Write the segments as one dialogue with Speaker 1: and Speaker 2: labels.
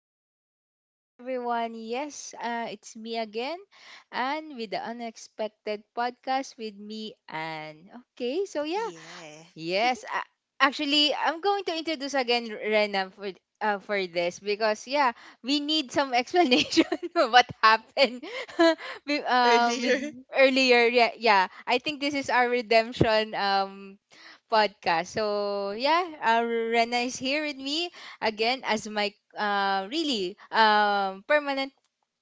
Speaker 1: evening to everyone. Yes, it's me again, and with the unexpected podcast with me, and okay, so yeah,
Speaker 2: Yeah.
Speaker 1: yes, uh, actually, I'm going to introduce again Rena for this because yeah, we need some explanation of what happened with
Speaker 2: Earlier.
Speaker 1: earlier. Yeah, I think this is our redemption podcast. So yeah, Rena is here with me again as my really permanent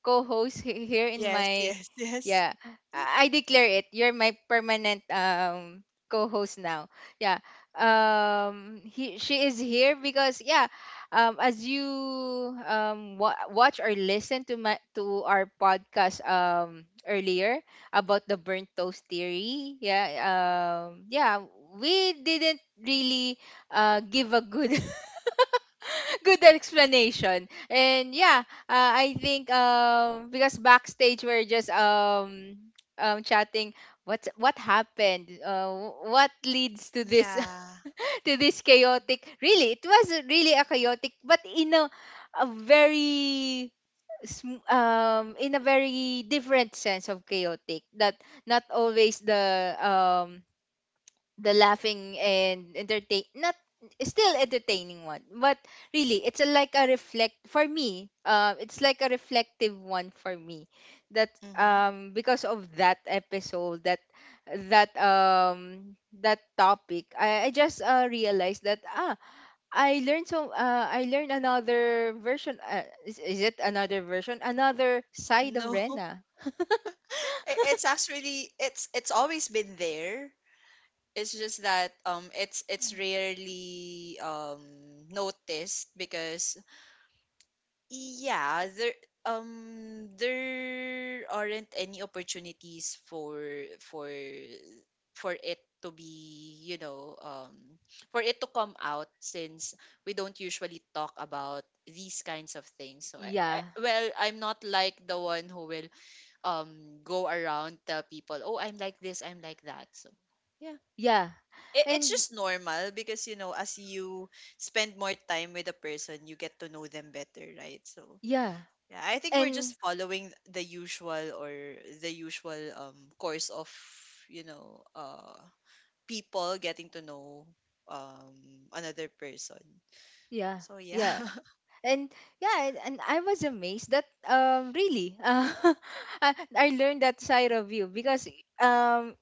Speaker 1: co-host here in
Speaker 2: Yes,
Speaker 1: my
Speaker 2: yes, yes.
Speaker 1: yeah. I declare it. You're my permanent co-host now. Yeah. He she is here because yeah, as you watch or listen to my to our podcast earlier about the burnt toast theory. Yeah. Um yeah, we didn't really give a good good explanation. And yeah, I think because backstage we're just chatting what happened? What leads to this
Speaker 2: Yeah.
Speaker 1: to this chaotic? Really, it was really a chaotic but in a very in a very different sense of chaotic that not always the laughing and entertain not still entertaining one but really it's like a reflect for me it's like a reflective one for me that
Speaker 2: Mm-hmm.
Speaker 1: because of that episode that that um that topic I just realized that ah I learned so I learned another version is it another version another side of
Speaker 2: No,
Speaker 1: rena
Speaker 2: It's actually it's always been there. It's just that it's rarely noticed because... Yeah, there aren't any opportunities for for for it to be, for it to come out, since we don't usually talk about these kinds of things. So
Speaker 1: yeah
Speaker 2: I'm not like the one who will go around tell people, "Oh, I'm like this, I'm like that." So yeah.
Speaker 1: yeah
Speaker 2: It's
Speaker 1: and
Speaker 2: just normal because, you know, as you spend more time with a person, you get to know them better, right? So
Speaker 1: yeah
Speaker 2: yeah, I think we're
Speaker 1: and
Speaker 2: just following the usual, or the usual course of, you know, people getting to know another person.
Speaker 1: yeah
Speaker 2: So yeah.
Speaker 1: yeah and yeah and I was amazed that really I learned that side of you because um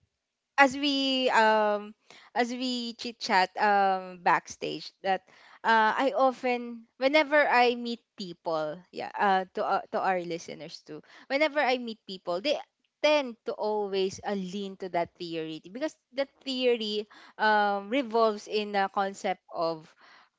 Speaker 1: as we um as we chit chat backstage that I often whenever I meet people yeah to our listeners too whenever I meet people they tend to always lean to that theory because that theory revolves in the concept of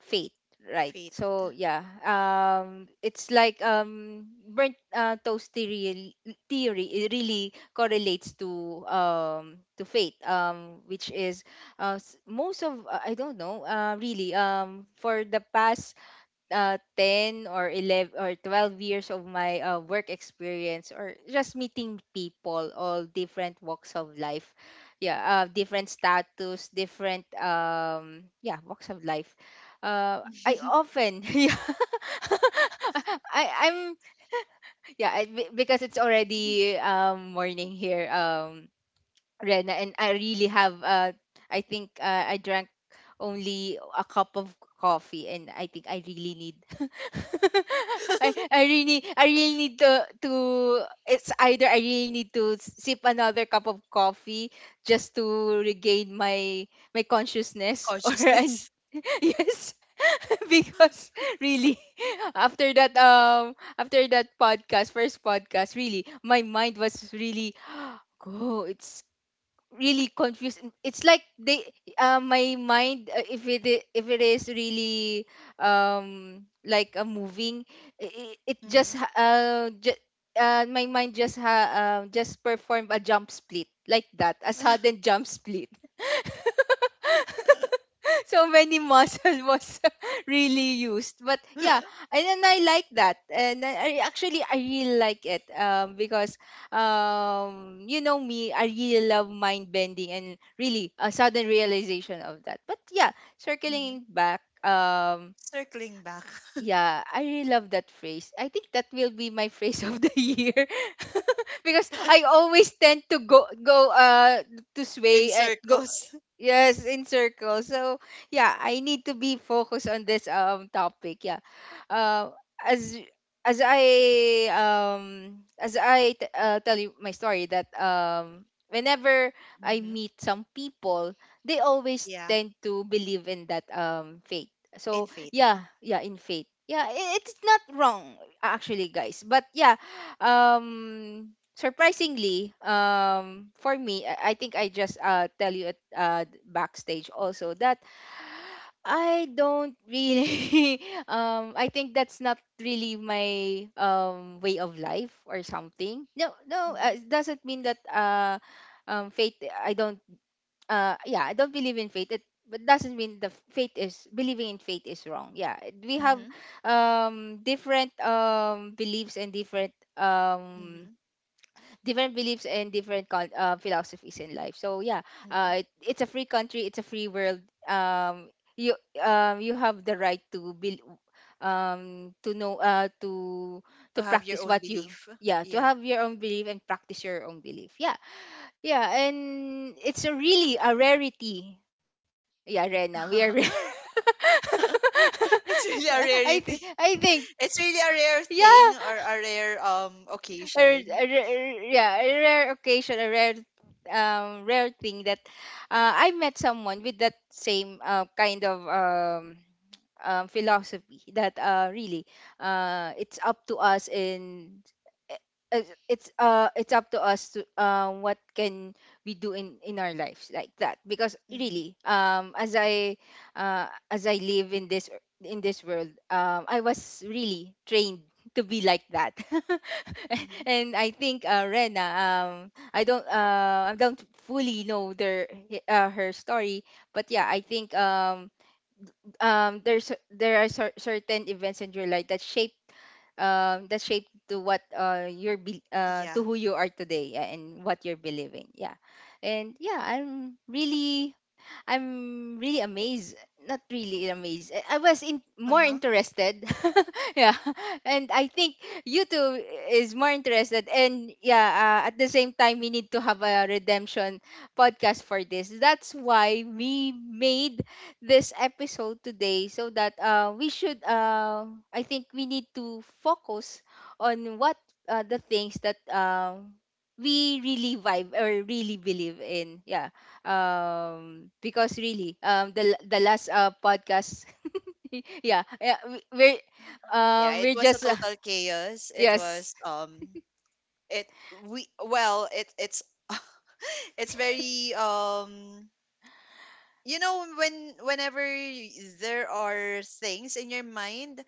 Speaker 1: fate. Right.
Speaker 2: Fate.
Speaker 1: So yeah, it's like burnt toast theory, theory it really correlates to fate, which is most of I don't know really for the past 10 years or 11 or 12 years of my work experience or just meeting people all different walks of life yeah different status different yeah walks of life I often yeah I I'm yeah because it's already morning here Rena, and I really have I think I drank only a cup of coffee and I think I really need I really need to it's either I really need to sip another cup of coffee just to regain my consciousness or and
Speaker 2: Consciousness.
Speaker 1: yes because really after that podcast first podcast really my mind was really oh it's really confused it's like they my mind if it is really like a moving it, it
Speaker 2: Hmm.
Speaker 1: just ha- ju- my mind just ha just performed a jump split like that a sudden jump split so many muscle was really used but yeah and then I like that and I actually I really like it because you know me I really love mind bending and really a sudden realization of that but yeah
Speaker 2: Hmm.
Speaker 1: circling back
Speaker 2: Circling back.
Speaker 1: yeah, I really love that phrase. I think that will be my phrase of the year because I always tend to go go to
Speaker 2: In
Speaker 1: sway at go
Speaker 2: circles.
Speaker 1: yes in circles. So yeah, I need to be focused on this topic. Yeah, uh, as as I as tell you my story that whenever I
Speaker 2: Hmm.
Speaker 1: meet some people, they always
Speaker 2: Yeah,
Speaker 1: tend to believe in that faith.
Speaker 2: in
Speaker 1: So
Speaker 2: faith.
Speaker 1: yeah, in faith. Yeah, it's not wrong actually, guys. But yeah, surprisingly, for me, I think I just tell you at backstage also that I don't really I think that's not really my way of life or something. No, no,
Speaker 2: Hmm.
Speaker 1: it doesn't mean that faith I don't yeah I don't believe in fate it but doesn't mean the fate is believing in fate is wrong yeah we have
Speaker 2: Hmm.
Speaker 1: different beliefs and different
Speaker 2: Hmm.
Speaker 1: different beliefs and different philosophies in life so yeah
Speaker 2: Hmm.
Speaker 1: it, it's a free country it's a free world um you you have the right to be um to know uh to
Speaker 2: To
Speaker 1: to
Speaker 2: have your
Speaker 1: practice
Speaker 2: own
Speaker 1: what you
Speaker 2: belief.
Speaker 1: yeah to
Speaker 2: Yeah.
Speaker 1: have your own belief and practice your own belief yeah yeah, and it's a really a rarity. Yeah, Rena, we are. Rare. Yeah,
Speaker 2: It's really a
Speaker 1: I
Speaker 2: rarity.
Speaker 1: think
Speaker 2: It's really a rare
Speaker 1: yeah,
Speaker 2: thing, or a rare occasion.
Speaker 1: yeah, a rare occasion, a rare rare thing that I met someone with that same kind of philosophy that really it's up to us in uh, it's up to us to what can we do in our lives like that because
Speaker 2: Mm-hmm.
Speaker 1: really as I live in this world I was really trained to be like that
Speaker 2: Mm-hmm.
Speaker 1: and I think rena I don't fully know their her story but yeah I think there's there are certain events in your life that shape to what
Speaker 2: Yeah.
Speaker 1: to who you are today yeah, and what you're believing yeah and yeah I'm really I'm really amazed. Not really amazed. I was in more
Speaker 2: Uh-huh.
Speaker 1: interested. yeah, and I think you too is more interested. And yeah, at the same time, we need to have a redemption podcast for this. That's why we made this episode today, so that we should. I think we need to focus on what the things that. We really vibe or really believe in yeah because really the last podcast yeah yeah
Speaker 2: Yeah, it
Speaker 1: we're
Speaker 2: was a
Speaker 1: just
Speaker 2: total chaos. It
Speaker 1: yes
Speaker 2: was it we well, it it's It's very you know, when whenever there are things in your mind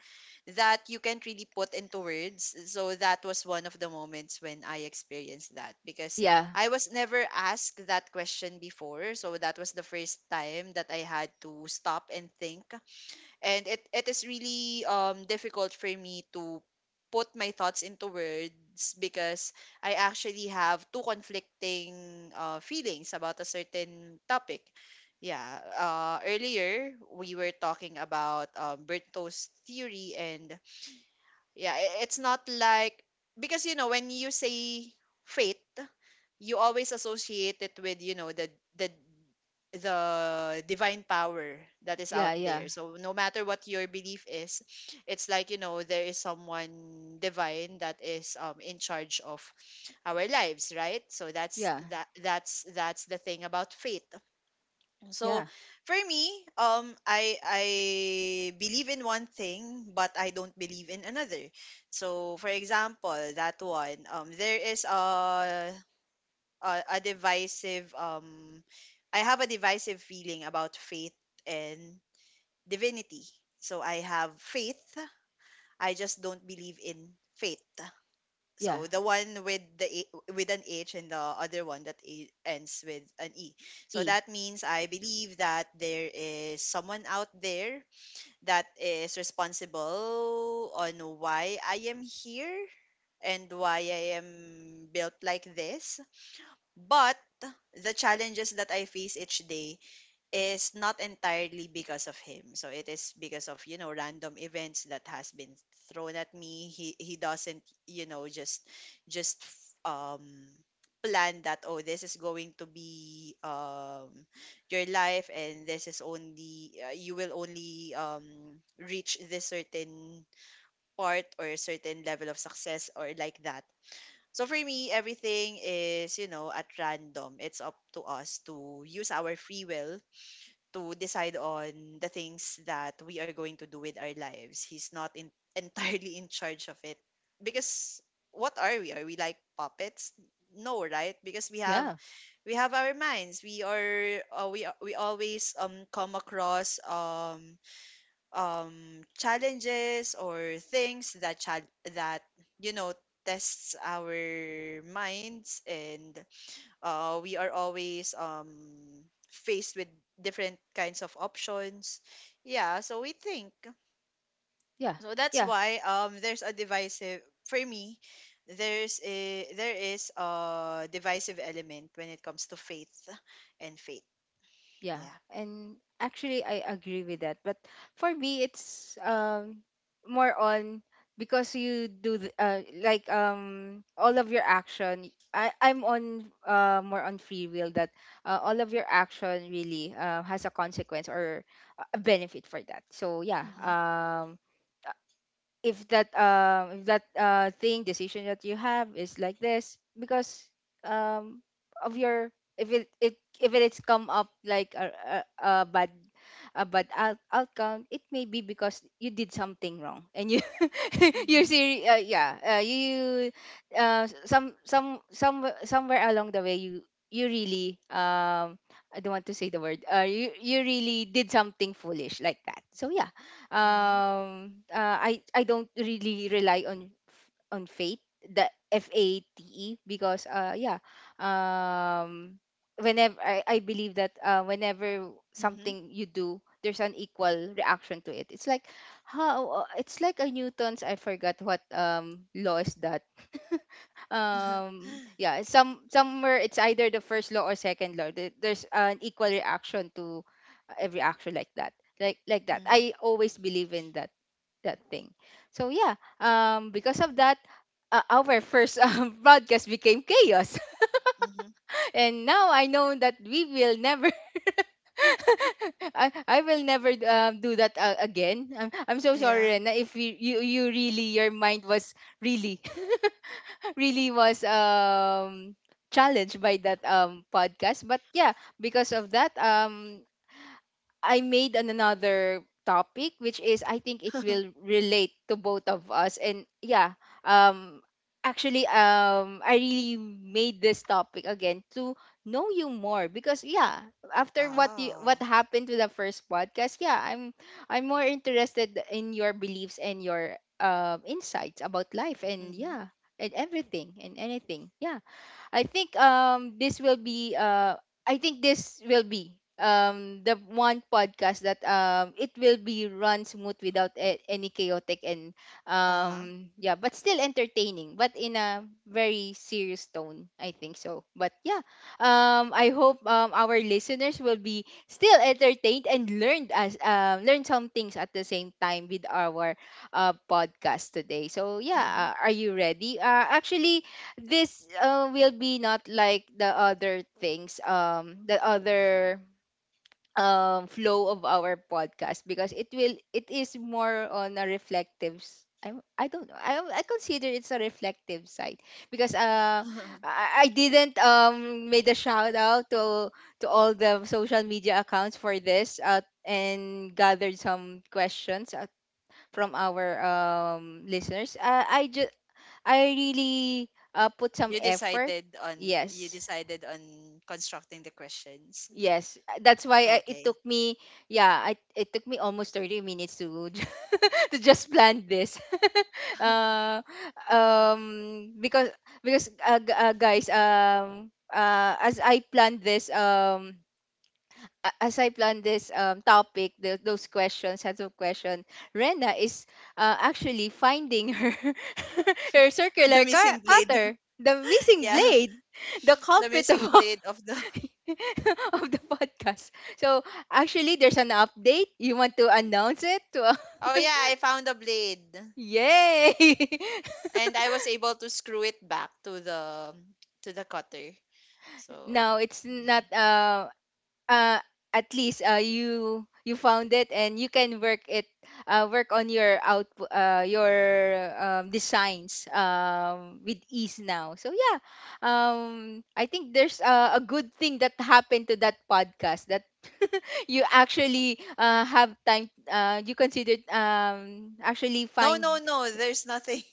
Speaker 2: that you can't really put into words, so that was one of the moments when I experienced that, because
Speaker 1: yeah
Speaker 2: I was never asked that question before, so that was the first time that I had to stop and think. And it is really difficult for me to put my thoughts into words, because I actually have two conflicting feelings about a certain topic. Yeah, earlier we were talking about Bertow's theory, and yeah, it's not like, because, you know, when you say fate, you always associate it with, you know, the the the divine power that is out
Speaker 1: yeah yeah
Speaker 2: there, so no matter what your belief is, it's like, you know, there is someone divine that is in charge of our lives, right? So that's
Speaker 1: yeah
Speaker 2: that that's the thing about faith. So
Speaker 1: yeah
Speaker 2: for me, I believe in one thing, but I don't believe in another. So for example, that one, there is a divisive I have a divisive feeling about faith and divinity. So I have faith, I just don't believe in faith.
Speaker 1: yeah
Speaker 2: So the one with the A- with an H, and the other one that A- ends with an E. So
Speaker 1: e
Speaker 2: that means I believe that there is someone out there that is responsible on why I am here and why I am built like this, but the challenges that I face each day is not entirely because of him. So it is because of, you know, random events that has been thrown at me. He doesn't, you know, just just um plan that, oh, this is going to be your life, and this is only you will only reach this certain part or certain level of success, or like that. So for me, everything is, you know, at random. It's up to us to use our free will to decide on the things that we are going to do with our lives. He's not, in, entirely in charge of it. Because what are we? Are we like puppets? No, right? Because we have
Speaker 1: yeah
Speaker 2: our minds. We always come across challenges, or things that chal that you know, tests our minds, and we are always faced with different kinds of options, yeah, so we think.
Speaker 1: yeah
Speaker 2: So that's
Speaker 1: yeah.
Speaker 2: why, there's a divisive, for me, there is a divisive element when it comes to faith and faith.
Speaker 1: Yeah,
Speaker 2: Yeah.
Speaker 1: and actually I agree with that. But for me, it's more on because you do the, like all of your action. I'm on more on free will that all of your action really has a consequence or a benefit for that. So yeah,
Speaker 2: Mm-hmm.
Speaker 1: if that thing decision that you have is like this because um of your if it, it if it is come up like a bad out, outcome it may be because you did something wrong and you
Speaker 2: Mm-hmm.
Speaker 1: yeah you somewhere along the way you you really I don't want to say the word you you really did something foolish like that so yeah
Speaker 2: Mm-hmm.
Speaker 1: I don't really rely on on fate the f a t e because yeah um whenever I believe that whenever something you do there's an equal reaction to it it's like how it's like a newton's I forgot what law is that
Speaker 2: Mm-hmm.
Speaker 1: yeah somewhere it's either the first law or second law. There- there's an equal reaction to every action like that like that I always believe in that that thing so yeah because of that our first podcast became chaos and now I know that we will never I will never do that again. I'm so sorry,
Speaker 2: Yeah.
Speaker 1: Rena, if your mind was really really was challenged by that podcast, but yeah, because of that I made an another topic, which is I think it will relate to both of us, and yeah, um actually, I really made this topic again to know you more, because yeah, after what
Speaker 2: Wow.
Speaker 1: happened to the first podcast, yeah, I'm more interested in your beliefs and your insights about life, and
Speaker 2: Mm-hmm.
Speaker 1: yeah, and everything and anything, yeah. I think this will be I think this will be the one podcast that it will be run smooth without any chaotic, and
Speaker 2: Uh-huh.
Speaker 1: yeah, but still entertaining, but in a very serious tone, I think so, but yeah, I hope our listeners will be still entertained and learned as learn some things at the same time with our podcast today, so
Speaker 2: Mm-hmm.
Speaker 1: yeah, are you ready? Actually, this will be not like the other things, the other flow of our podcast, because it is more on a reflective I don't know. I consider it's a reflective side, because I didn't made a shout out to all the social media accounts for this, and gathered some questions from our listeners. I just, I really, put some
Speaker 2: You
Speaker 1: effort.
Speaker 2: decided on you
Speaker 1: Yes.
Speaker 2: decided on constructing the questions.
Speaker 1: Yes. That's why I, it took
Speaker 2: Okay.
Speaker 1: me yeah, I it took me almost 30 minutes to to just plan this. uh, um because because, guys, as I planned this, a- as I plan this topic, those questions, sets of questions, Rena is, actually, finding her her
Speaker 2: The
Speaker 1: circular
Speaker 2: missing blade.
Speaker 1: cutter, the missing
Speaker 2: Yeah.
Speaker 1: blade, the
Speaker 2: The
Speaker 1: culprit of
Speaker 2: missing
Speaker 1: all-
Speaker 2: blade of the
Speaker 1: of the podcast. So, actually, there's an update. You want to announce it to?
Speaker 2: Oh yeah, I found a blade.
Speaker 1: Yay!
Speaker 2: And I was able to screw it back to the cutter. So
Speaker 1: now it's
Speaker 2: yeah.
Speaker 1: not uh, at least, you found it and you can work it, work on your out, your designs, with ease now, so yeah, I think there's, a good thing that happened to that podcast that you actually, have time, you considered, actually
Speaker 2: No, no,
Speaker 1: find,
Speaker 2: no, there's nothing.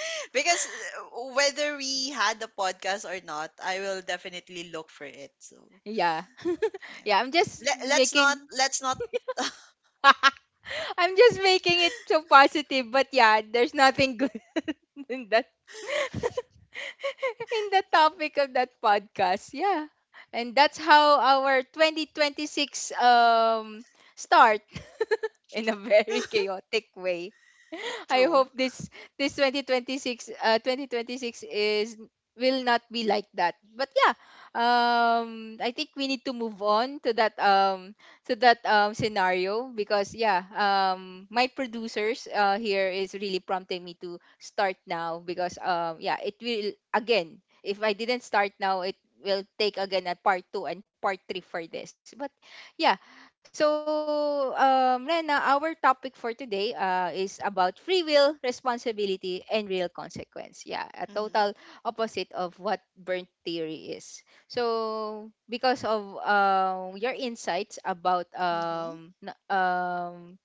Speaker 2: Because whether we had a podcast or not, I will definitely look for it. So
Speaker 1: yeah.
Speaker 2: yeah.
Speaker 1: yeah, I'm just
Speaker 2: Let, let's not
Speaker 1: making
Speaker 2: let's not
Speaker 1: I'm just making it so positive, but yeah, there's nothing good in that. in the topic of that podcast. Yeah. And that's how our 2026 start in a very chaotic way. I
Speaker 2: True.
Speaker 1: hope this 2026, uh 2026 is will not be like that. But yeah, I think we need to move on to that, to that scenario, because yeah, my producers here is really prompting me to start now, because yeah, it will again, if I didn't start now, it will take again a part 2 and part 3 for this. But yeah. So, Rena, our topic for today is about free will, responsibility, and real consequence. Yeah, a
Speaker 2: Mhm.
Speaker 1: total opposite of what burnt theory is. So, because of your insights about,
Speaker 2: Mhm.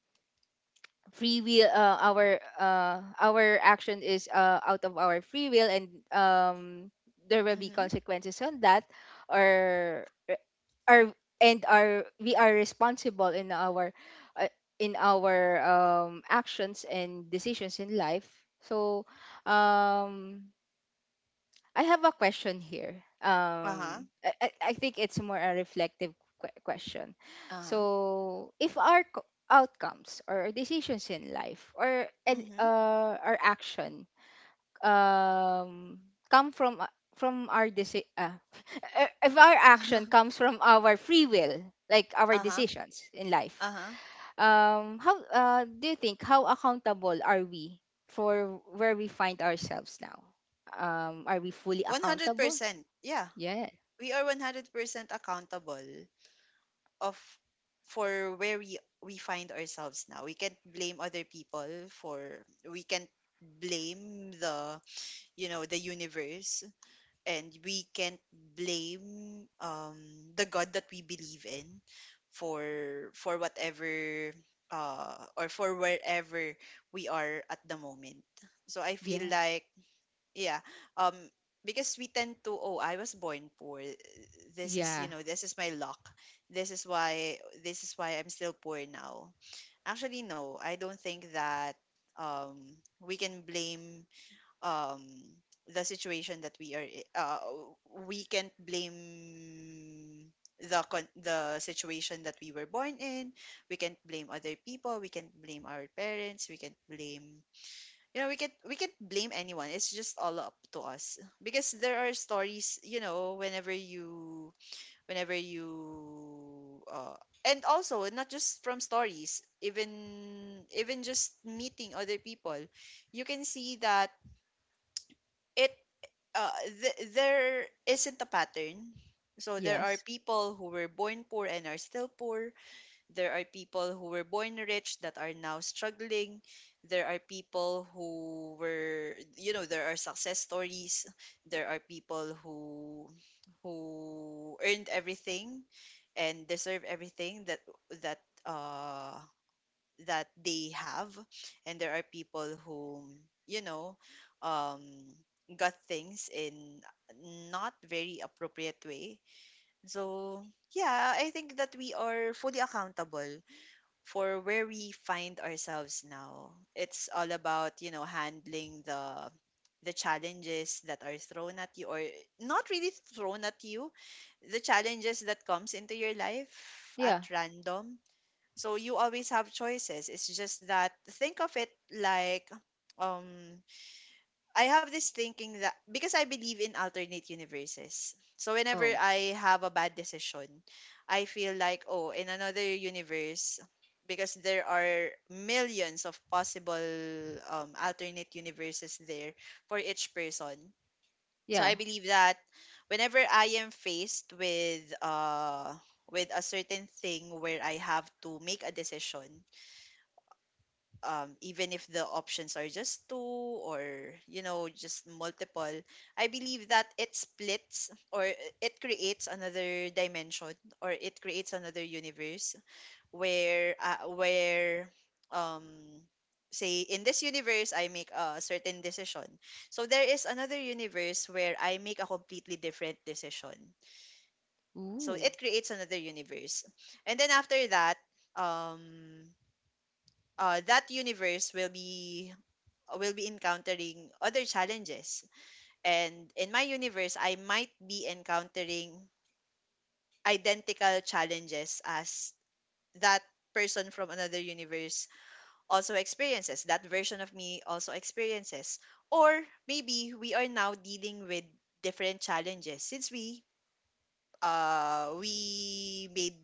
Speaker 1: free will, our, our action is, out of our free will, and, there will be
Speaker 2: Mhm.
Speaker 1: consequences on that, or are and are we are responsible in our, uh, in our actions and decisions in life. So, um I have a question here.
Speaker 2: Uh-huh.
Speaker 1: I think it's more a reflective question.
Speaker 2: Uh-huh.
Speaker 1: So, if our outcomes or decisions in life, or and
Speaker 2: Mhm.
Speaker 1: our action, um come from, from our deci- uh, if our action comes from our free will, like our
Speaker 2: Uh-huh.
Speaker 1: decisions in life,
Speaker 2: Uh-huh.
Speaker 1: how, do you think, how accountable are we for where we find ourselves now? Are we fully accountable?
Speaker 2: 100%. Yeah.
Speaker 1: Yeah,
Speaker 2: We are 100% accountable of for where we find ourselves now. We can't blame other people, for we can't blame the universe, and we can't blame the God that we believe in for whatever, or for wherever we are at the moment. So I feel
Speaker 1: yeah,
Speaker 2: like, yeah, um, because we tend to, oh, I was born poor. This is you
Speaker 1: yeah.
Speaker 2: know this is my luck. This is why this is why I'm still poor now. Actually no, I don't think that we can blame, um the situation that we are I- we can't blame the situation that we were born in. We can't blame other people, we can't blame our parents, we can't blame, you know, we can't blame anyone. It's just all up to us, because there are stories, you know, whenever you and also, not just from stories, even just meeting other people, you can see that, it there isn't a pattern. So there are
Speaker 1: Yes.
Speaker 2: people who were born poor and are still poor. There are people who were born rich that are now struggling. There are people who were, there are success stories. There are people who earned everything and deserve everything that that uh that they have, and there are people who, you know um got things in not very appropriate way. So yeah, I think that we are fully accountable for where we find ourselves now. It's all about, you know, handling the challenges that are thrown at you, or not really thrown at you, the challenges that comes into your life at
Speaker 1: Yeah.
Speaker 2: random. So you always have choices. It's just that, think of it like, um I have this thinking, that because I believe in alternate universes. So whenever
Speaker 1: Oh
Speaker 2: I have a bad decision, I feel like, oh, in another universe, because there are millions of possible, alternate universes there for each person. So
Speaker 1: yeah.
Speaker 2: I believe that whenever I am faced with a certain thing where I have to make a decision, even if the options are just two, or, you know, just multiple, I believe that it splits, or it creates another dimension, or it creates another universe where um say in this universe I make a certain decision, so there is another universe where I make a completely different decision. So
Speaker 1: Ooh,
Speaker 2: it creates another universe, and then after that, um that universe will be encountering other challenges. And in my universe, I might be encountering identical challenges as that person from another universe also experiences, that version of me also experiences. Or maybe we are now dealing with different challenges, since we made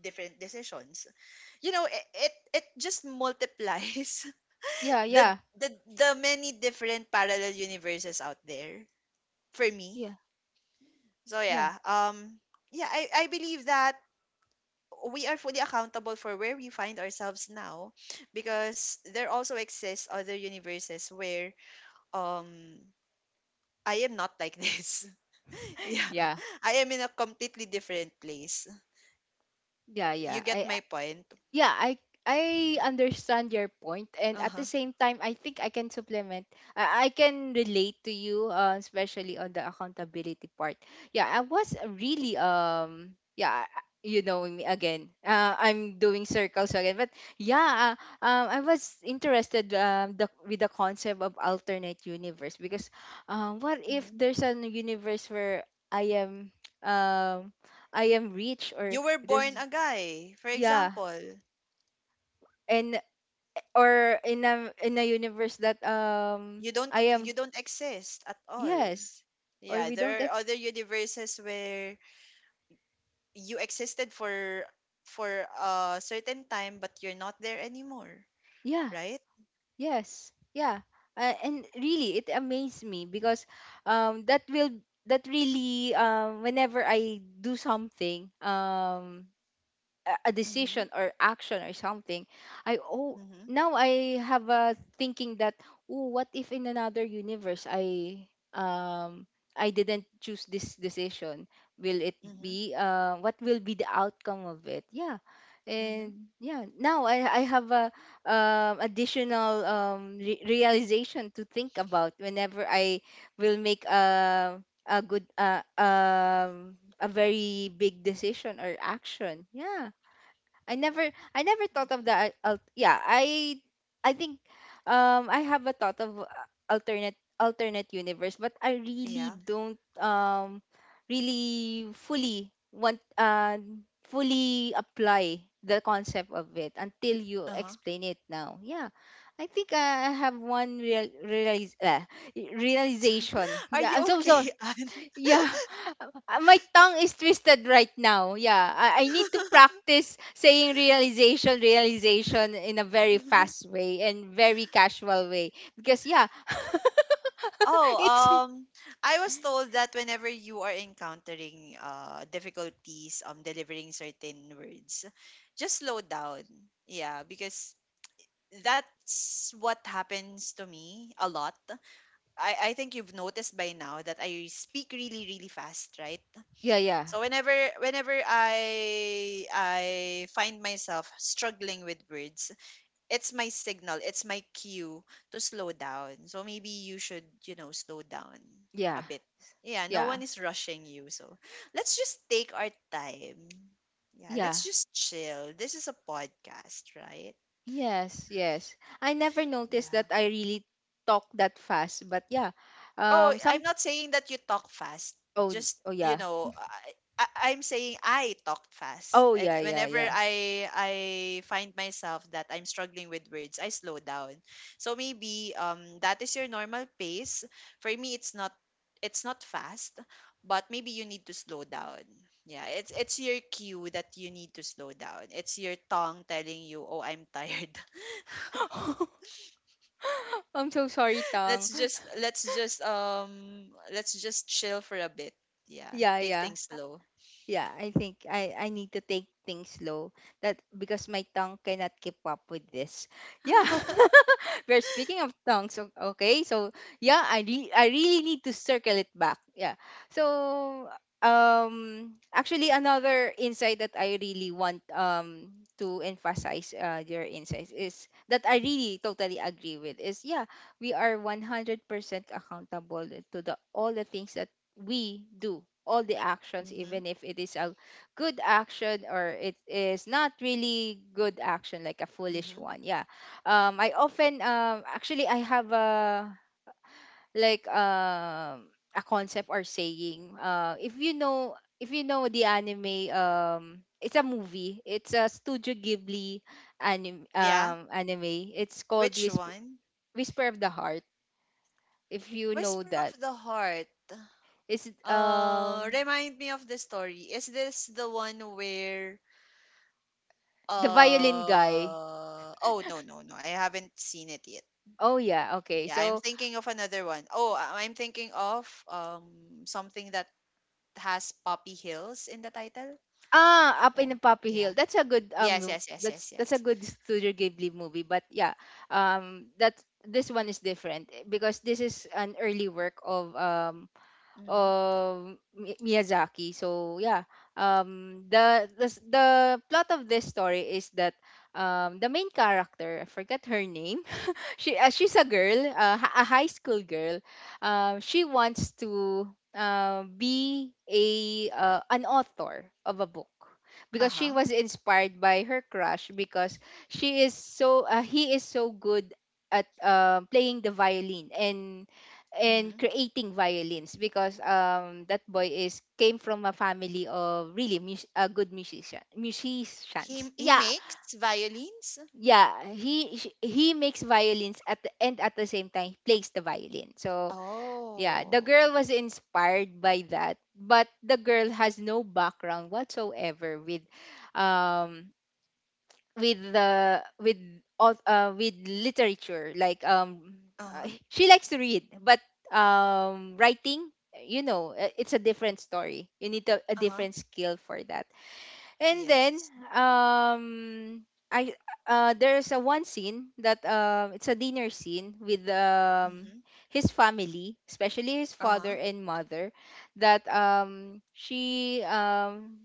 Speaker 2: different decisions. You know, it just multiplies
Speaker 1: yeah,
Speaker 2: the,
Speaker 1: yeah,
Speaker 2: the many different parallel universes out there, for me.
Speaker 1: yeah,
Speaker 2: So
Speaker 1: yeah,
Speaker 2: yeah, yeah, I believe that we are fully accountable for where we find ourselves now, because there also exists other universes where um I am not like this. Yeah.
Speaker 1: yeah,
Speaker 2: I am in a completely different place.
Speaker 1: yeah,
Speaker 2: You
Speaker 1: yeah.
Speaker 2: get
Speaker 1: I,
Speaker 2: my point?
Speaker 1: yeah, i
Speaker 2: Yeah.
Speaker 1: i understand your point, and at
Speaker 2: Uh-huh.
Speaker 1: the same time, I think I can supplement. I can relate to you, especially on the accountability part, yeah. I was really, yeah, you know me again, I'm doing circles again, but yeah, I was interested, with the concept of alternate universe, because, what if
Speaker 2: Mhm.
Speaker 1: there's a universe where i am um, I am rich, or
Speaker 2: You were born
Speaker 1: there's,
Speaker 2: a guy, for
Speaker 1: yeah,
Speaker 2: example.
Speaker 1: and or in a universe that I am.
Speaker 2: You don't exist at all.
Speaker 1: Yes. Or
Speaker 2: Yeah,
Speaker 1: we don't
Speaker 2: there are
Speaker 1: ex,
Speaker 2: other universes where you existed for a certain time, but you're not there anymore,
Speaker 1: yeah.
Speaker 2: right?
Speaker 1: Yes. Yeah, and really it amazed me, because um that will that really, whenever I do something, a
Speaker 2: Mm-hmm.
Speaker 1: decision or action or something, I oh,
Speaker 2: Mm-hmm.
Speaker 1: now I have a thinking that, oh, what if in another universe um I didn't choose this decision? Will it
Speaker 2: Mm-hmm.
Speaker 1: be What will be the outcome of it? Yeah.
Speaker 2: Mm-hmm.
Speaker 1: And yeah, now I have a, additional, realization to think about whenever I will make a good, a very big decision or action, yeah. I never thought of that. Yeah, I think, I have a thought of, alternate universe, but I really
Speaker 2: Yeah.
Speaker 1: don't, really fully want, fully apply the concept of it until you
Speaker 2: Uh-huh.
Speaker 1: explain it now. Yeah. I think I have one realization.
Speaker 2: Are
Speaker 1: Yeah, I'm
Speaker 2: you
Speaker 1: so
Speaker 2: okay,
Speaker 1: sorry.
Speaker 2: Anne?
Speaker 1: Yeah, my tongue is twisted right now. Yeah, I need to practice saying realization, realization in a very fast way and very casual way, because yeah,
Speaker 2: Oh,
Speaker 1: it's,
Speaker 2: I was told that whenever you are encountering difficulties delivering certain words, just slow down. Yeah, because that's what happens to me a lot. I think you've noticed by now that I speak really, really fast, right?
Speaker 1: yeah, yeah,
Speaker 2: So whenever I find myself struggling with words, it's my signal, it's my cue to slow down. So maybe you should, you know, slow down a
Speaker 1: yeah,
Speaker 2: bit. Yeah, no one
Speaker 1: yeah,
Speaker 2: is rushing you. So let's just take our time. Yeah,
Speaker 1: yeah.
Speaker 2: let's just chill. This is a podcast, right?
Speaker 1: Yes, yes. I never noticed
Speaker 2: Yeah.
Speaker 1: that I really talk that fast, but yeah,
Speaker 2: Oh, I'm
Speaker 1: some.
Speaker 2: not saying that you talk fast.
Speaker 1: Oh.
Speaker 2: Just,
Speaker 1: Oh
Speaker 2: you
Speaker 1: yeah.
Speaker 2: know, I I'm saying I talk fast.
Speaker 1: Oh
Speaker 2: And
Speaker 1: yeah, yeah,
Speaker 2: whenever
Speaker 1: yeah.
Speaker 2: I find myself that I'm struggling with words, I slow down. So maybe that is your normal pace. For me, it's not fast, but maybe you need to slow down. Yeah, it's your cue that you need to slow down. It's your tongue telling you, "Oh, I'm tired."
Speaker 1: I'm so sorry,
Speaker 2: let's
Speaker 1: tongue.
Speaker 2: just let's just um let's just chill for a bit. Yeah,
Speaker 1: Yeah,
Speaker 2: take
Speaker 1: yeah.
Speaker 2: things slow.
Speaker 1: Yeah, I think I need to take things slow. That, because my tongue cannot keep up with this. Yeah. We're speaking of tongues, okay? So, yeah, I really need to circle it back. Yeah. So, actually, another insight that I really want to emphasize, your insights, is that I really totally agree with is yeah, we are 100% accountable to the all the things that we do, all the actions,
Speaker 2: Mm-hmm,
Speaker 1: even if it is a good action or it is not really good action, like a foolish
Speaker 2: mm-hmm.
Speaker 1: one, yeah. I often, actually, I have a, like, a concept or saying. If you know, the anime, it's a movie, it's a studio ghibli anime,
Speaker 2: Yeah,
Speaker 1: anime, it's called
Speaker 2: which one?
Speaker 1: whisper of the heart, if you know
Speaker 2: Whisper of
Speaker 1: that.
Speaker 2: the Heart.
Speaker 1: It's,
Speaker 2: Remind me of the story. Is this the one where
Speaker 1: the violin guy.
Speaker 2: oh, no, I haven't seen it yet.
Speaker 1: Oh yeah, okay.
Speaker 2: Yeah, I'm
Speaker 1: So,
Speaker 2: thinking of another one. Oh, I'm thinking of something that has Poppy Hills in the title.
Speaker 1: ah, up in
Speaker 2: So,
Speaker 1: the Poppy
Speaker 2: yeah.
Speaker 1: Hill.
Speaker 2: Yes, yes, yes,
Speaker 1: That's
Speaker 2: yes, yes.
Speaker 1: that's a good Studio Ghibli movie. But yeah, that's, this one is different, eh, because this is an early work of,
Speaker 2: Mm-hmm.
Speaker 1: of Miyazaki. So yeah, the plot of this story is that, the main character, I forget her name, she's a girl, a high school girl. She wants to, be a, an author of a book, because she
Speaker 2: Uh-huh.
Speaker 1: was inspired by her crush. Because she is so he is so good at, playing the violin, and
Speaker 2: Mm-hmm.
Speaker 1: creating violins, because that boy is came from a family of really good musician,
Speaker 2: He
Speaker 1: musicians,
Speaker 2: he
Speaker 1: yeah.
Speaker 2: makes violins.
Speaker 1: Yeah, he makes violins, at the, and at the same time he plays the violin. So yeah, the
Speaker 2: Oh.
Speaker 1: girl was inspired by that, but the girl has no background whatsoever with, um with the, with with literature, like,
Speaker 2: Uh-huh.
Speaker 1: she likes to read, but, writing, it's a different story. You need a,
Speaker 2: Uh-huh.
Speaker 1: different skill for that. And then,
Speaker 2: Yes.
Speaker 1: um I there's a one scene that, it's a dinner scene with,
Speaker 2: Mm-hmm.
Speaker 1: his family, especially his father
Speaker 2: Uh-huh.
Speaker 1: and mother, that, she,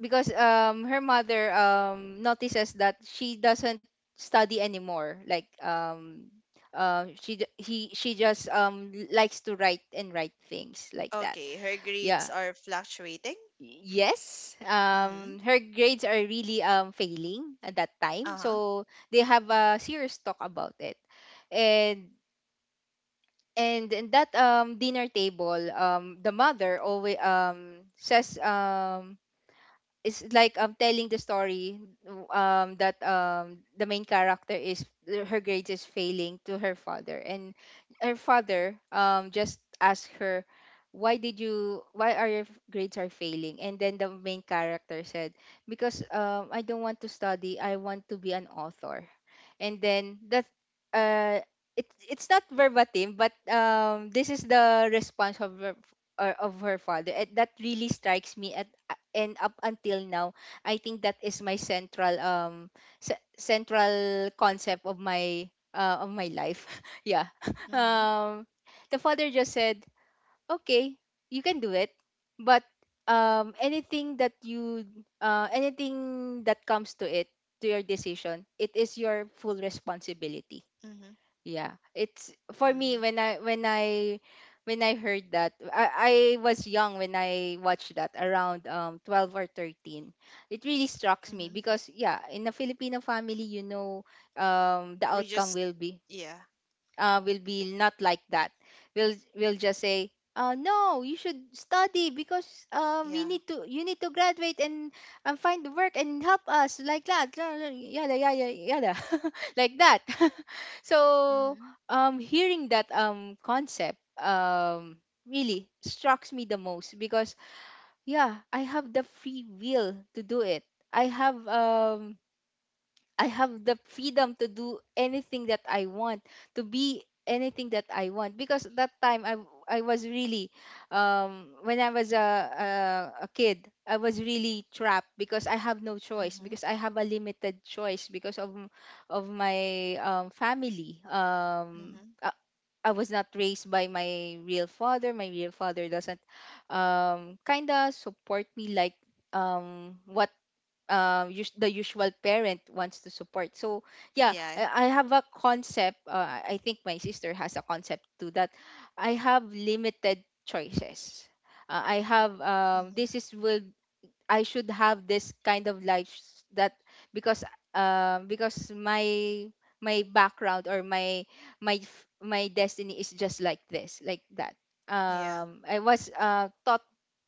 Speaker 1: because, her mother, notices that she doesn't study anymore, like, she d- he she just, likes to write and write things like that.
Speaker 2: Okay, her
Speaker 1: Yeah,
Speaker 2: grades are fluctuating.
Speaker 1: yes,
Speaker 2: Mm-hmm.
Speaker 1: her grades are really, failing at that time,
Speaker 2: Uh-huh.
Speaker 1: so they have a serious talk about it. And in that, dinner table, the mother always, says, it's like, telling the story, that, the main character is, her grades is failing to her father, and her father, just asked her, why are your grades are failing? And then the main character said, because, I don't want to study, I want to be an author. And then that, uh it's not verbatim, but this is the response of, her or of her father, and that really strikes me, at and up until now, I think that is my central, central concept of my, of my life. Yeah.
Speaker 2: Mm-hmm.
Speaker 1: um the father just said, okay, you can do it. But, anything that anything that comes to it, to your decision, it is your full responsibility.
Speaker 2: Mm-hmm.
Speaker 1: Yeah. It's, for me,
Speaker 2: Mm-hmm.
Speaker 1: when I when I when I heard that, I was young when I watched that around 12 or 13. It really struck me
Speaker 2: Mm-hmm.
Speaker 1: because, yeah, in a Filipino family, the
Speaker 2: We
Speaker 1: outcome
Speaker 2: just
Speaker 1: will be,
Speaker 2: yeah,
Speaker 1: will be not like that. We'll just say, no, you should study, because, we
Speaker 2: yeah,
Speaker 1: need to, you need to graduate, and find the work, and help us, like that, yada yada yada, like that. So,
Speaker 2: mm-hmm.
Speaker 1: hearing that, concept, really strikes me the most, because yeah, I have the free will to do it. I have um I have the freedom to do anything that I want, to be anything that I want. Because that time I was really, when I was a kid, I was really trapped because I have no choice
Speaker 2: Mm-hmm.
Speaker 1: because I have a limited choice because of my family.
Speaker 2: Mm-hmm.
Speaker 1: I was not raised by my real father. My real father doesn't kind of support me like what the usual parent wants to support. So yeah,
Speaker 2: Yeah,
Speaker 1: I have a concept. I think my sister has a concept too that I have limited choices. I have
Speaker 2: mm-hmm.
Speaker 1: this is will I should have this kind of life that because because my background or my my destiny is just like this like that.
Speaker 2: Yeah.
Speaker 1: I was taught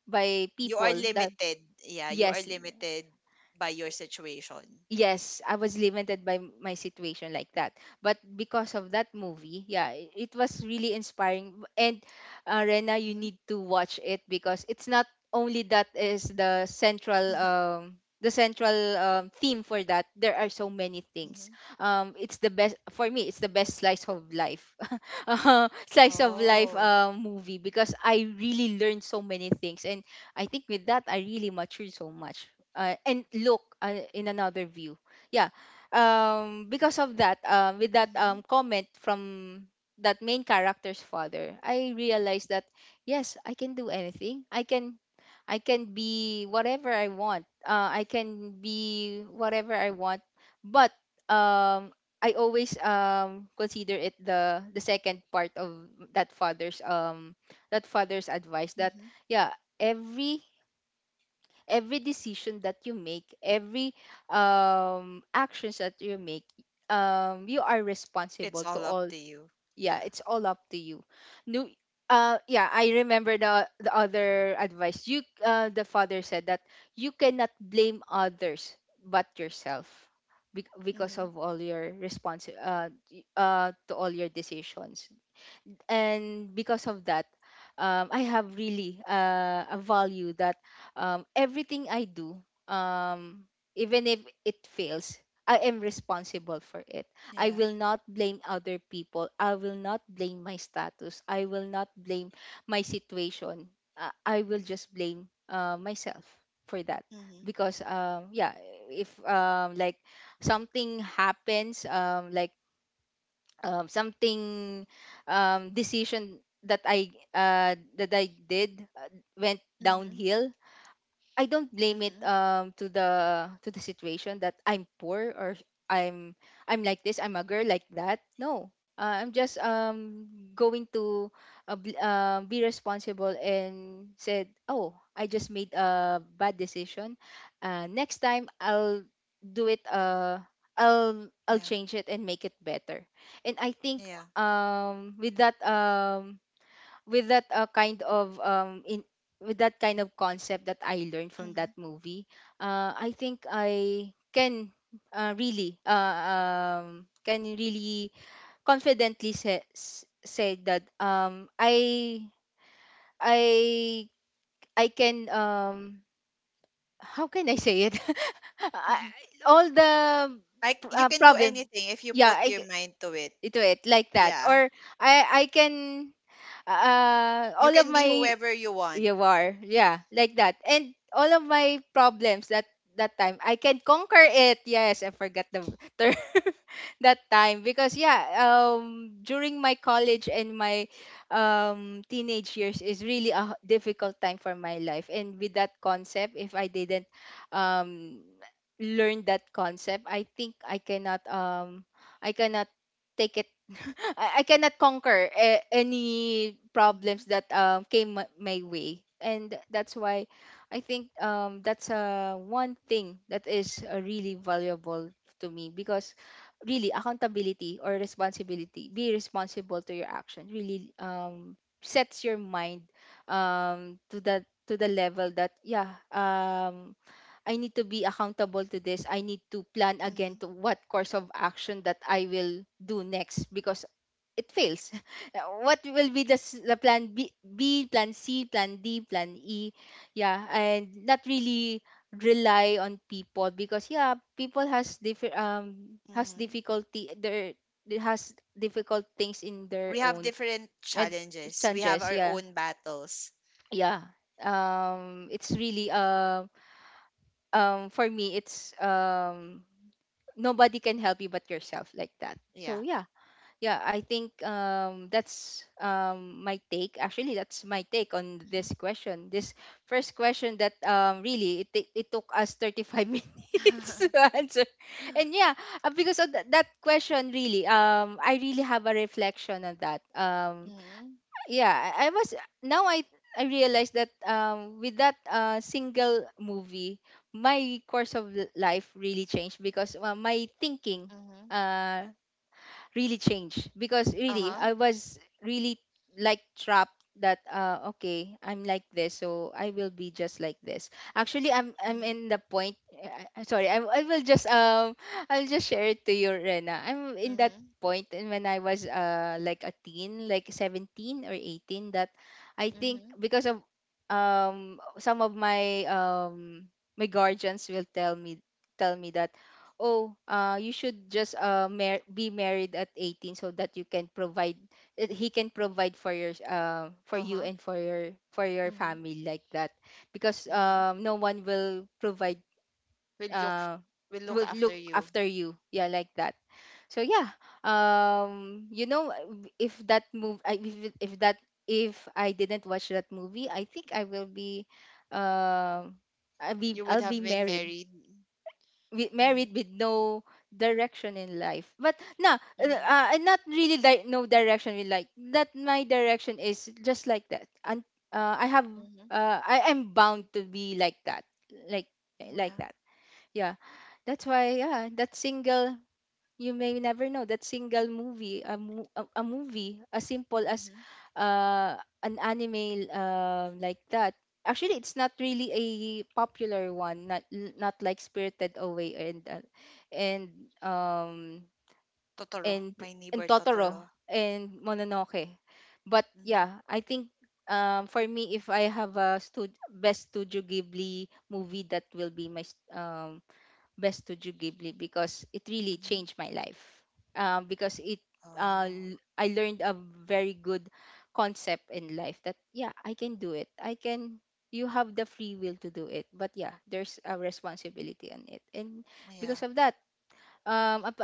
Speaker 1: by
Speaker 2: You are
Speaker 1: people that
Speaker 2: limited. Yeah, you are
Speaker 1: yes
Speaker 2: limited by your situation.
Speaker 1: yes, I was limited by my situation like that. But because of that movie, yeah, it was really inspiring. And Rena, you
Speaker 2: Mm-hmm.
Speaker 1: need to watch it because it's not only that is the central theme for that. There are so many things.
Speaker 2: Mm-hmm.
Speaker 1: It's the best for me. It's the best slice of life. Slice of life
Speaker 2: Oh.
Speaker 1: movie, because I really learned so many things. And I think with that I really matured so much. And look in another view. Yeah. Because of that, with that comment from that main character's father, I realized that yes, I can do anything. I can be whatever I want. I can be whatever I want. But um I always consider it, the second part of that father's um that father's advice that
Speaker 2: Mm-hmm.
Speaker 1: yeah, every every decision that you make, every actions that you make, you are
Speaker 2: It's
Speaker 1: responsible to
Speaker 2: all up
Speaker 1: all.
Speaker 2: to you.
Speaker 1: Yeah,
Speaker 2: Yeah.
Speaker 1: it's all up to you. No. Yeah, I remember the other advice you the father said that you cannot blame others but yourself, because
Speaker 2: Mm-hmm.
Speaker 1: of all your response to all your decisions. And because of that, I have really a value that everything I do, um, even if it fails, I am responsible for it. I
Speaker 2: Yeah.
Speaker 1: will not blame other people. I will not blame my status. I will not blame my situation. I will just blame myself for that.
Speaker 2: Mm-hmm.
Speaker 1: Because yeah, if like something happens, like something decision that I did went
Speaker 2: Mm-hmm.
Speaker 1: downhill, I don't blame it
Speaker 2: Mm-hmm.
Speaker 1: to the situation that I'm poor, or I'm like this, I'm a girl like that. No, I'm just going to be responsible and said, oh, I just made a bad decision. Next time I'll do it I'll
Speaker 2: Yeah.
Speaker 1: change it and make it better. And I think
Speaker 2: Yeah.
Speaker 1: um with that um with that kind of in with that kind of concept that I learned from
Speaker 2: Mm-hmm.
Speaker 1: that movie, I think I can really can really confidently say that I I can how can I say it? I- all the
Speaker 2: Like you can do
Speaker 1: Problem,
Speaker 2: anything if you
Speaker 1: yeah.
Speaker 2: put your mind to it.
Speaker 1: Ito it like that.
Speaker 2: Yeah.
Speaker 1: Or I can
Speaker 2: You
Speaker 1: all of
Speaker 2: can be
Speaker 1: my
Speaker 2: whoever you want.
Speaker 1: You are. Yeah, like that. And all of my problems that that time, I can conquer it. Yes, I forgot the term that time because yeah, during my college and my teenage years is really a difficult time for my life. And with that concept, if I didn't um learn that concept, I think I cannot I cannot take it. I cannot conquer any
Speaker 2: Mm-hmm.
Speaker 1: problems that came my way. And that's why I think that's one thing that is really valuable to me, because really accountability or responsibility, be responsible to your actions, really sets your mind to the level that yeah, I need to be accountable to this. I need to plan
Speaker 2: Mm-hmm.
Speaker 1: again to what course of action that I will do next, because it fails. What will be the, the plan B, plan C, plan D, plan E? Yeah, and not really rely on people, because yeah, people has different has
Speaker 2: Mm-hmm.
Speaker 1: difficulty their they has difficult things in their
Speaker 2: We have
Speaker 1: own
Speaker 2: different
Speaker 1: and
Speaker 2: challenges. We have
Speaker 1: changes.
Speaker 2: our
Speaker 1: Yeah,
Speaker 2: own battles.
Speaker 1: yeah. It's really for me it's nobody can help you but yourself, like that.
Speaker 2: Yeah.
Speaker 1: So yeah, yeah, I think that's my take, actually. That's my take on
Speaker 2: Mm-hmm.
Speaker 1: this question, this first question, that really it it took us 35 minutes to answer. And yeah, because of that, that question really I really have a reflection on that.
Speaker 2: Mm-hmm.
Speaker 1: Yeah, I was now I realized that with that single movie, my course of life really changed, because my thinking
Speaker 2: Mm-hmm.
Speaker 1: uh really changed, because really
Speaker 2: Uh-huh.
Speaker 1: I was really like trapped that okay, I'm like this, so I will be just like this. Actually I'm
Speaker 2: Mm-hmm.
Speaker 1: in the point, sorry, I will just I'll just share it to you, Rena. I'm in that
Speaker 2: Mm-hmm.
Speaker 1: point. And when I was like a teen, like 17 or 18, that I think
Speaker 2: Mm-hmm.
Speaker 1: because of some of my my guardians will tell me that oh you should just be married at 18 so that you can provide, that he can provide for your for you
Speaker 2: Uh-huh.
Speaker 1: and for your
Speaker 2: Mm-hmm.
Speaker 1: family, like that, because
Speaker 2: Mm-hmm.
Speaker 1: no one will provide
Speaker 2: We'll look f-
Speaker 1: uh
Speaker 2: we'll look
Speaker 1: will
Speaker 2: after
Speaker 1: look
Speaker 2: you.
Speaker 1: after you, yeah, like that. So yeah, you know, if that if, that if I didn't watch that movie, I think I will be um
Speaker 2: You would
Speaker 1: I'll be
Speaker 2: have been married. Mm-hmm.
Speaker 1: married with no direction in life. But no,
Speaker 2: Mm-hmm.
Speaker 1: not really no direction in life. That my direction is just like that. And I have
Speaker 2: Mm-hmm.
Speaker 1: I am bound to be like that, like like
Speaker 2: Yeah.
Speaker 1: that. Yeah, that's why yeah, that single, you may never know, that single movie, a movie as simple as
Speaker 2: Mm-hmm.
Speaker 1: uh, an anime like that. Actually, it's not really a popular one, not not like Spirited Away and and um
Speaker 2: Totoro. My neighbor
Speaker 1: and Totoro
Speaker 2: Totoro.
Speaker 1: and Mononoke. But
Speaker 2: Mm-hmm.
Speaker 1: yeah, I think for me, if I have a best Studio Ghibli movie, that will be my best Studio Ghibli, because it really
Speaker 2: Mm-hmm.
Speaker 1: changed my life. Because it
Speaker 2: Oh,
Speaker 1: I learned a very good concept in life, that yeah, I can do it. I can You have the free will to do it. But yeah, there's a responsibility on it. And
Speaker 2: yeah.
Speaker 1: because of that, up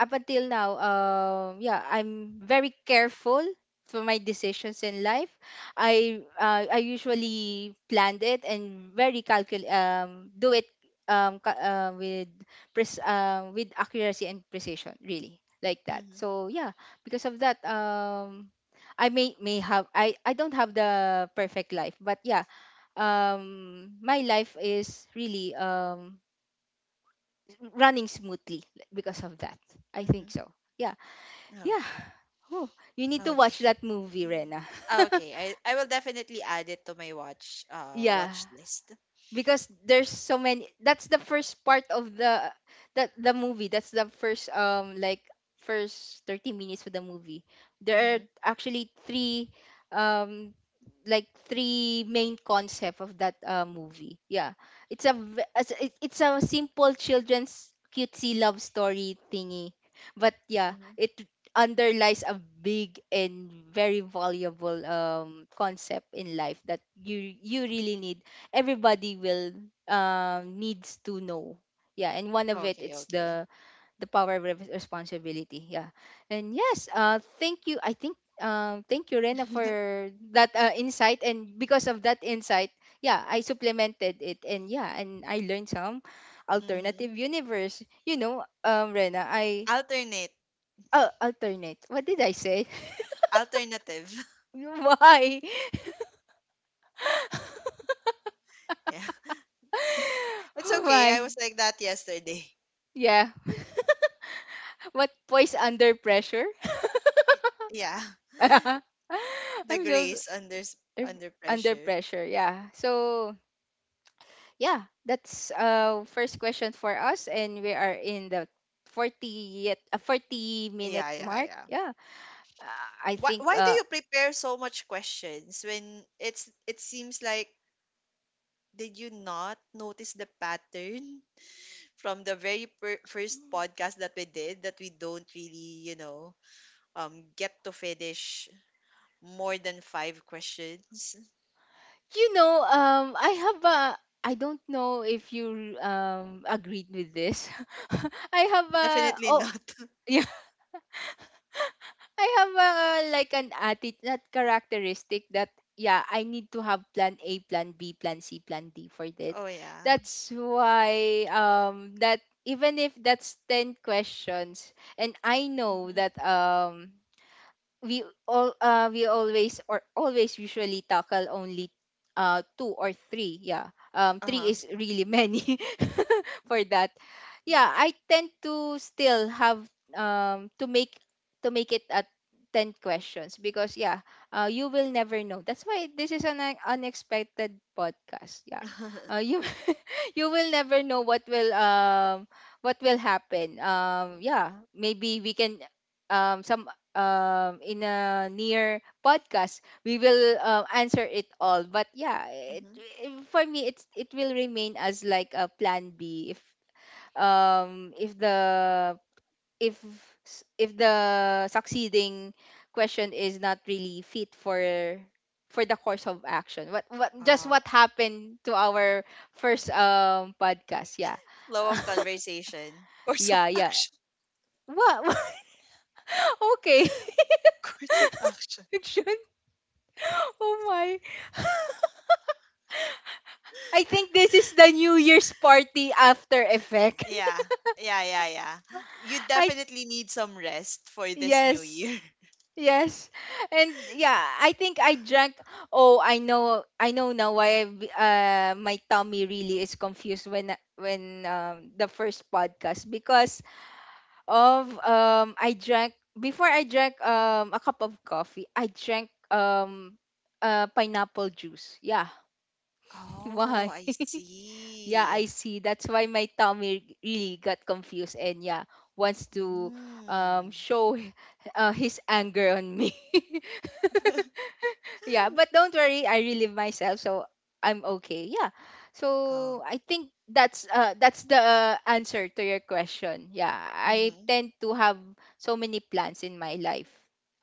Speaker 1: until now, yeah, I'm very careful for my decisions in life. I usually planned it, and very calcul do it with with accuracy and precision, really, like that.
Speaker 2: Mm-hmm.
Speaker 1: So yeah, because of that, I may have, I don't have the perfect life, but yeah, my life is really running smoothly because of that. I
Speaker 2: Mm-hmm.
Speaker 1: think so. Yeah. Yeah.
Speaker 2: Okay.
Speaker 1: Oh, you need to
Speaker 2: Okay.
Speaker 1: watch that movie, Rena.
Speaker 2: Okay. I will definitely add it to my watch uh
Speaker 1: Yeah.
Speaker 2: watch list.
Speaker 1: Because there's so many, that's the first part of the that the movie. That's the first like first 30 minutes of the movie. There are
Speaker 2: Mm-hmm.
Speaker 1: actually three um like three main concept of that movie. Yeah, it's a it's a
Speaker 2: Mm-hmm.
Speaker 1: simple children's cutesy love story thingy, but yeah,
Speaker 2: Mm-hmm.
Speaker 1: it underlies a big and very valuable concept in life that you really need. Everybody will needs to know. Yeah, and one of it,
Speaker 2: Okay,
Speaker 1: it's
Speaker 2: okay.
Speaker 1: the power of responsibility. Yeah. And yes, thank you, I think thank you, Rena, for that insight. And because of that insight, yeah, I supplemented it, and yeah, and I learned some
Speaker 2: Mm-hmm.
Speaker 1: alternative universe, you know, Rena, I
Speaker 2: Alternate.
Speaker 1: alternate, what did I say?
Speaker 2: Alternative.
Speaker 1: Why?
Speaker 2: Yeah. It's okay. I
Speaker 1: Why?
Speaker 2: was like that yesterday.
Speaker 1: Yeah. What, poise under pressure?
Speaker 2: Yeah. The
Speaker 1: I'm so
Speaker 2: grace under s-
Speaker 1: Er,
Speaker 2: Under
Speaker 1: under
Speaker 2: pressure.
Speaker 1: pressure, yeah. So yeah, that's first question for us, and we are in the 40-minute
Speaker 2: Yeah, yeah,
Speaker 1: mark,
Speaker 2: yeah.
Speaker 1: yeah. I
Speaker 2: Why
Speaker 1: think
Speaker 2: why do you prepare so much questions when it seems like, did you not notice the pattern? From the very first podcast that we did, that we don't really, you know, get to finish more than 5 questions?
Speaker 1: You know, I have a I don't know if you agreed with this. I have a
Speaker 2: Definitely
Speaker 1: oh
Speaker 2: not.
Speaker 1: yeah, I have a, like an attitude that characteristic, that yeah, I need to have plan A, plan B, plan C, plan D for this.
Speaker 2: Oh yeah.
Speaker 1: That's why that even if that's 10 questions, and I know
Speaker 2: Mhm.
Speaker 1: that we always or always usually tackle only two or three. Yeah, three
Speaker 2: Uh-huh.
Speaker 1: is really many for that. Yeah, I tend to still have um to make to make it at 10 questions, because yeah, you will never know. That's why this is an unexpected podcast. Yeah, you you will never know what will happen. Yeah, maybe we can some in a near podcast, we will answer it all. But yeah,
Speaker 2: Mhm.
Speaker 1: for me, it will remain as like a plan B if the if s- if the succeeding question is not really fit for the course of action.
Speaker 2: Uh,
Speaker 1: What happened to our first podcast? Yeah.
Speaker 2: Flow of conversation, course of
Speaker 1: Yeah, yeah.
Speaker 2: action,
Speaker 1: What? Okay.
Speaker 2: course of action.
Speaker 1: It should. Oh my. I think this is the New Year's party after effect.
Speaker 2: Yeah. Yeah, yeah, yeah. You
Speaker 1: I
Speaker 2: definitely need some rest for this new
Speaker 1: Yes.
Speaker 2: year.
Speaker 1: Yes. And yeah, I think I drank oh, I know now why my tummy really is confused when the first podcast, because of I drank a cup of coffee, I drank pineapple juice. Yeah.
Speaker 2: Oh,
Speaker 1: Why?
Speaker 2: I
Speaker 1: Yeah,
Speaker 2: see.
Speaker 1: I see. That's why my tummy really got confused, and yeah, wants to
Speaker 2: Mm.
Speaker 1: show his anger on me. Yeah, but don't worry, I relive myself, so I'm okay. Yeah.
Speaker 2: Oh.
Speaker 1: So I think that's the answer to your question. Yeah, I
Speaker 2: Mhm.
Speaker 1: tend to have so many plans in my life.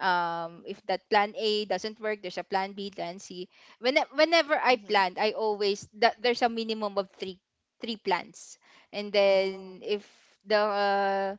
Speaker 1: If that plan A doesn't work, there's a plan B, plan C. Whenever I
Speaker 2: Mhm.
Speaker 1: planned, I always that there's a minimum of three plans, and then
Speaker 2: Oh.
Speaker 1: if the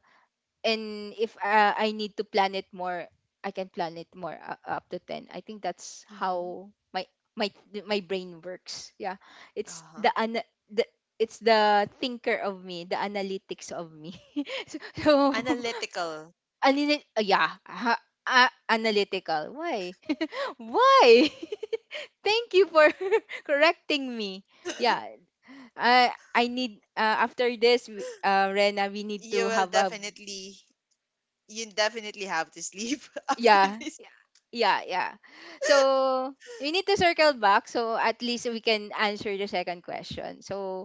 Speaker 1: and if I need to plan it more, I can plan it more, up to 10. I think that's
Speaker 2: Mhm.
Speaker 1: how my my brain works. Yeah. It's the
Speaker 2: Uh-huh.
Speaker 1: ana- the it's the thinker of me, the analytics of me. so, so,
Speaker 2: Analytical.
Speaker 1: yeah, ha, analytical. Why? Why? Thank you for correcting me. Yeah, I need, after this, Rena, we need
Speaker 2: you
Speaker 1: to
Speaker 2: will
Speaker 1: have a...
Speaker 2: definitely you definitely have to sleep after
Speaker 1: Yeah.
Speaker 2: this.
Speaker 1: Yeah, yeah. So we need to circle back so at least we can answer the second question. So,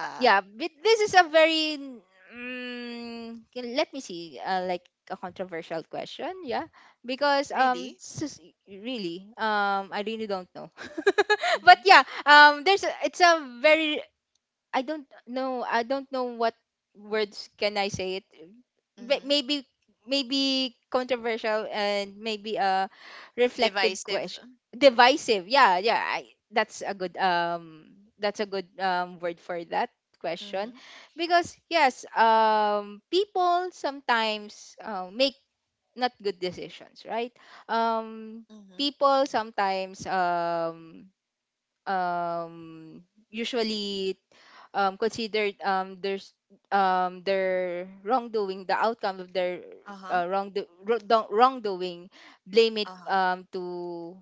Speaker 1: yeah, but this is a very... let me see, like, a controversial question, yeah, because
Speaker 2: Really?
Speaker 1: really I really don't know. But
Speaker 2: Mhm.
Speaker 1: yeah, there's a, it's a very... I don't know. I don't know what words can I say it. But
Speaker 2: Mhm.
Speaker 1: maybe controversial, and maybe a reflective
Speaker 2: Divisive.
Speaker 1: question. Divisive. Yeah, yeah. That's a good word for that question,
Speaker 2: Mhm.
Speaker 1: because yes, people sometimes make not good decisions, right? um
Speaker 2: Mhm.
Speaker 1: People sometimes um usually, considered, their their wrongdoing, the outcome of their
Speaker 2: Uh-huh.
Speaker 1: wrongdoing, blame it,
Speaker 2: Uh-huh.
Speaker 1: to...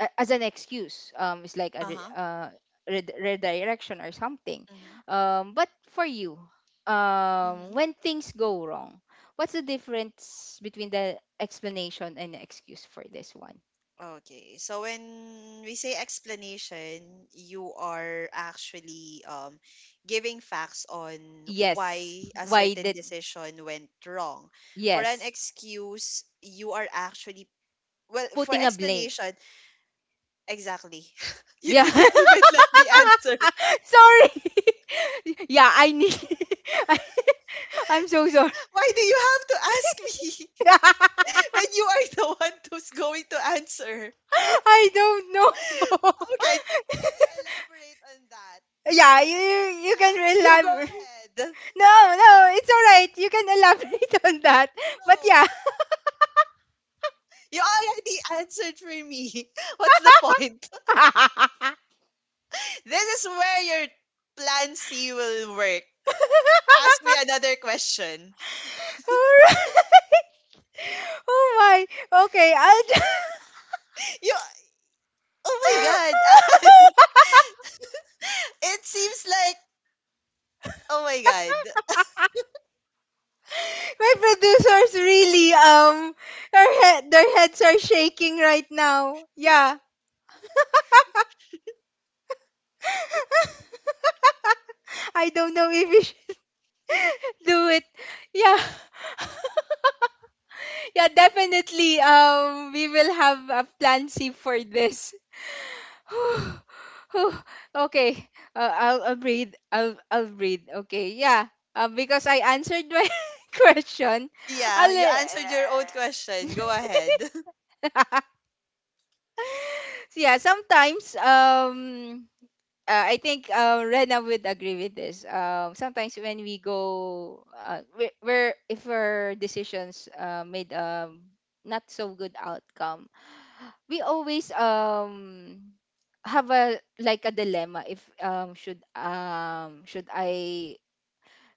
Speaker 1: as an excuse. It's like a
Speaker 2: Uh-huh.
Speaker 1: redirection or something.
Speaker 2: Mhm.
Speaker 1: But for you,
Speaker 2: Mhm.
Speaker 1: when things go wrong, what's the difference between the explanation and the excuse for this one?
Speaker 2: Okay. So when we say explanation, you are actually giving facts on
Speaker 1: Yes.
Speaker 2: why a
Speaker 1: Why
Speaker 2: certain
Speaker 1: did
Speaker 2: decision went wrong. For an
Speaker 1: Yes?
Speaker 2: excuse, you are actually, well, for
Speaker 1: Putting a blame.
Speaker 2: explanation, exactly. You
Speaker 1: Yeah.
Speaker 2: didn't even let me answer.
Speaker 1: Sorry. Yeah, I need. I, I'm so sorry.
Speaker 2: Why do you have to ask me when you are the one who's going to answer?
Speaker 1: I don't know.
Speaker 2: Okay, can you elaborate on that?
Speaker 1: Yeah,
Speaker 2: Since
Speaker 1: you can
Speaker 2: yeah, you go
Speaker 1: elaborate.
Speaker 2: ahead.
Speaker 1: No, no, it's all right. You can elaborate on that. But
Speaker 2: No,
Speaker 1: yeah.
Speaker 2: you already answered for me. What's the point?
Speaker 1: All right.
Speaker 2: This is where your plan C will work. Ask me another question.
Speaker 1: Oh my. Okay, I'll. Just...
Speaker 2: You, oh my god, it seems like, oh my god.
Speaker 1: My producers really their heads are shaking right now. Yeah. I don't know if we should do it. Yeah. Yeah, definitely we will have a plan C for this. Whew. Okay. I'll breathe. I'll breathe. Okay. Yeah. Because I answered my question.
Speaker 2: Yeah, you
Speaker 1: I'll,
Speaker 2: answered your own question. Go ahead.
Speaker 1: uh, yeah, sometimes I think, Rena would agree with this. Sometimes we're, if our decisions, made not so good outcome, we always have a, like, a dilemma if,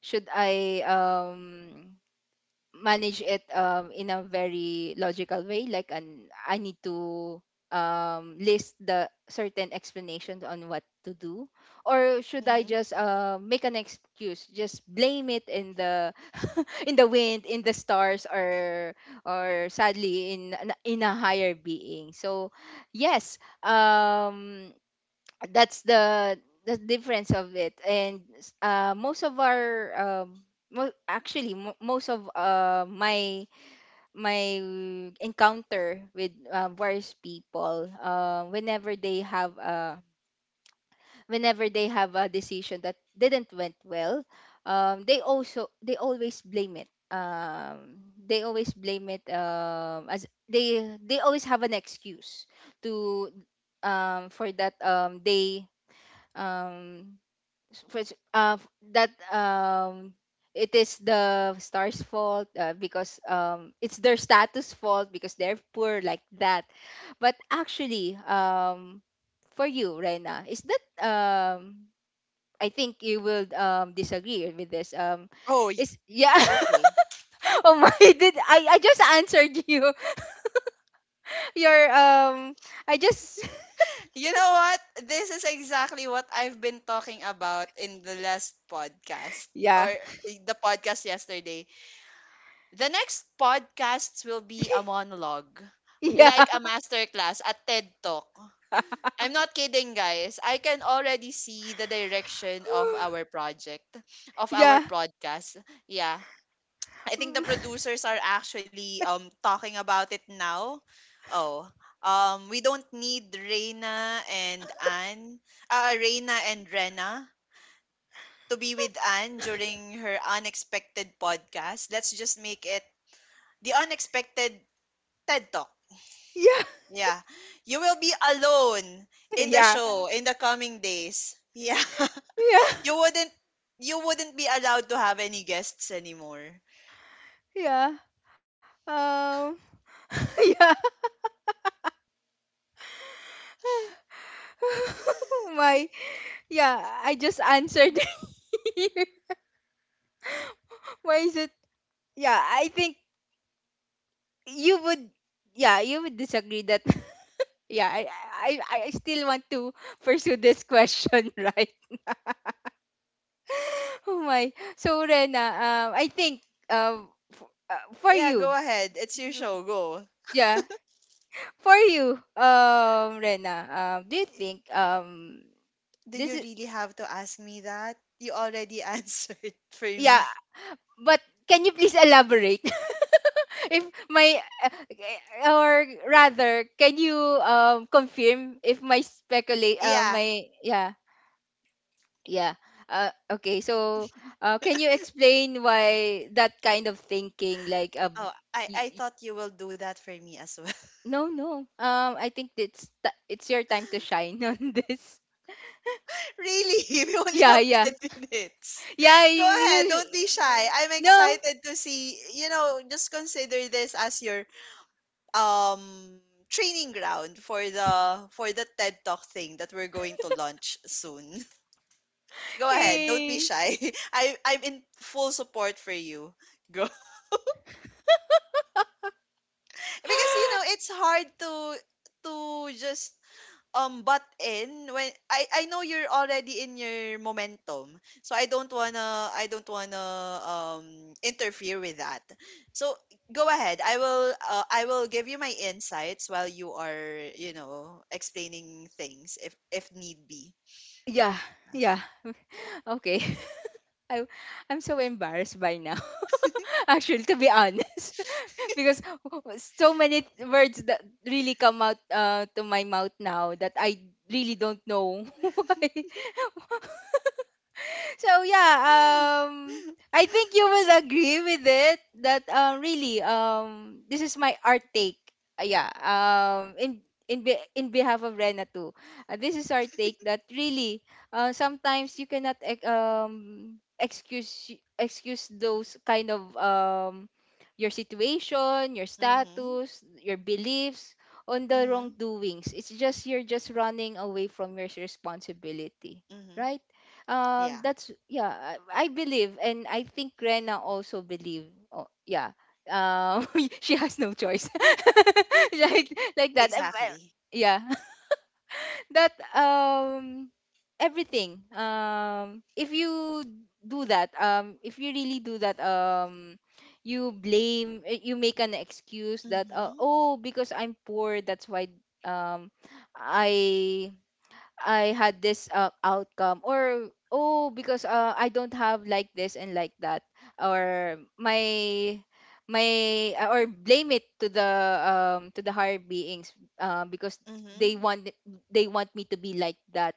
Speaker 1: should I manage it, in a very logical way, like, an I need to, list the certain explanations on what to do, or should I
Speaker 2: Hmm.
Speaker 1: just, make an excuse, just blame it in the in the wind, in the stars, or sadly in in a higher being. So yes, that's the difference of it. And most of our, actually most of, my my encounter with, various people, whenever they have a decision that didn't went well, they always blame it, um, as they always have an excuse to, for that, they um which that it is the star's fault, because it's their status fault, because they're poor like that. But actually, for you, Rena, is that, I think you will disagree with this,
Speaker 2: Oh, y-
Speaker 1: is, yeah.
Speaker 2: okay.
Speaker 1: Oh my, did I just answered you, your I just...
Speaker 2: You know what? This is exactly what I've been talking about in the last podcast, or
Speaker 1: yeah,
Speaker 2: eh, the podcast yesterday, the next podcasts will be a monologue,
Speaker 1: yeah.
Speaker 2: like a masterclass, a TED Talk. I'm not kidding, guys. I can already see the direction of our project, of our
Speaker 1: Yeah.
Speaker 2: podcast. Yeah. I think the producers are actually talking about it now. Oh. We don't need Reina and Anne, Reina and Rena to be with Anne during her unexpected podcast. Let's just make it the unexpected TED Talk.
Speaker 1: Yeah,
Speaker 2: Yeah. You will be alone in the
Speaker 1: yeah,
Speaker 2: show in the coming days. Yeah.
Speaker 1: yeah,
Speaker 2: you wouldn't you wouldn't be allowed to have any guests anymore.
Speaker 1: yeah. Um, yeah. Why? Yeah, I just answered. Why is it? Yeah, I think you would. Yeah, you would disagree that. Yeah, I still want to pursue this question, right? Oh my. So, Rena, I think,
Speaker 2: Yeah, go ahead. It's your show. Go.
Speaker 1: yeah, for you, Rena, do you think,
Speaker 2: Do you
Speaker 1: this is,
Speaker 2: really have to ask me that? You already answered for
Speaker 1: yeah?
Speaker 2: me.
Speaker 1: But can you please elaborate? If my Or rather, can you confirm if my speculate,
Speaker 2: Yeah.
Speaker 1: my yeah, yeah, okay so, can you explain why that kind of thinking, like,
Speaker 2: Oh, I,
Speaker 1: y-
Speaker 2: I
Speaker 1: y-
Speaker 2: thought you will do that for me as well.
Speaker 1: no, no, I think it's your time to shine on this.
Speaker 2: Really? We only
Speaker 1: Yeah,
Speaker 2: have
Speaker 1: yeah,
Speaker 2: 10 minutes.
Speaker 1: yeah.
Speaker 2: Go ahead. Don't
Speaker 1: You...
Speaker 2: be shy. I'm
Speaker 1: no.
Speaker 2: excited to see. You know, just consider this as your um training ground for the TED Talk thing that we're going to launch soon. Go ahead, don't be
Speaker 1: Hey.
Speaker 2: shy. I'm in full support for you. Go. Because you know, it's hard to just. But in when I know you're already in your momentum, so I don't wanna interfere with that. So go ahead. I will give you my insights while you are, you know, explaining things if need be.
Speaker 1: Yeah, yeah. Okay. I I'm so embarrassed by now. Actually, to be honest, because so many words that really come out, to my mouth now that I really don't know why. So, yeah, I think you will agree with it that, really, this is my art take. Yeah, in behalf of Rena too. This is our take that really, sometimes you cannot excuse those kind of, your situation, your
Speaker 2: Mm-hmm.
Speaker 1: status, your beliefs, on the
Speaker 2: Mm-hmm.
Speaker 1: wrongdoings. It's just, you're just running away from your responsibility,
Speaker 2: Mm-hmm.
Speaker 1: right?
Speaker 2: Yeah,
Speaker 1: That's, yeah. I believe, and I think Rena also believe. Oh, yeah. Um, she has no choice, like, that.
Speaker 2: exactly.
Speaker 1: Yeah, that, everything. If you do that, if you really do that, you blame, you make an excuse that,
Speaker 2: Mm-hmm.
Speaker 1: oh, because I'm poor, that's why, um I I had this, outcome. Or oh, because, I don't have like this and like that. Or my, or blame it to the, to the higher beings, because they
Speaker 2: Mm-hmm.
Speaker 1: want they want me to be like that.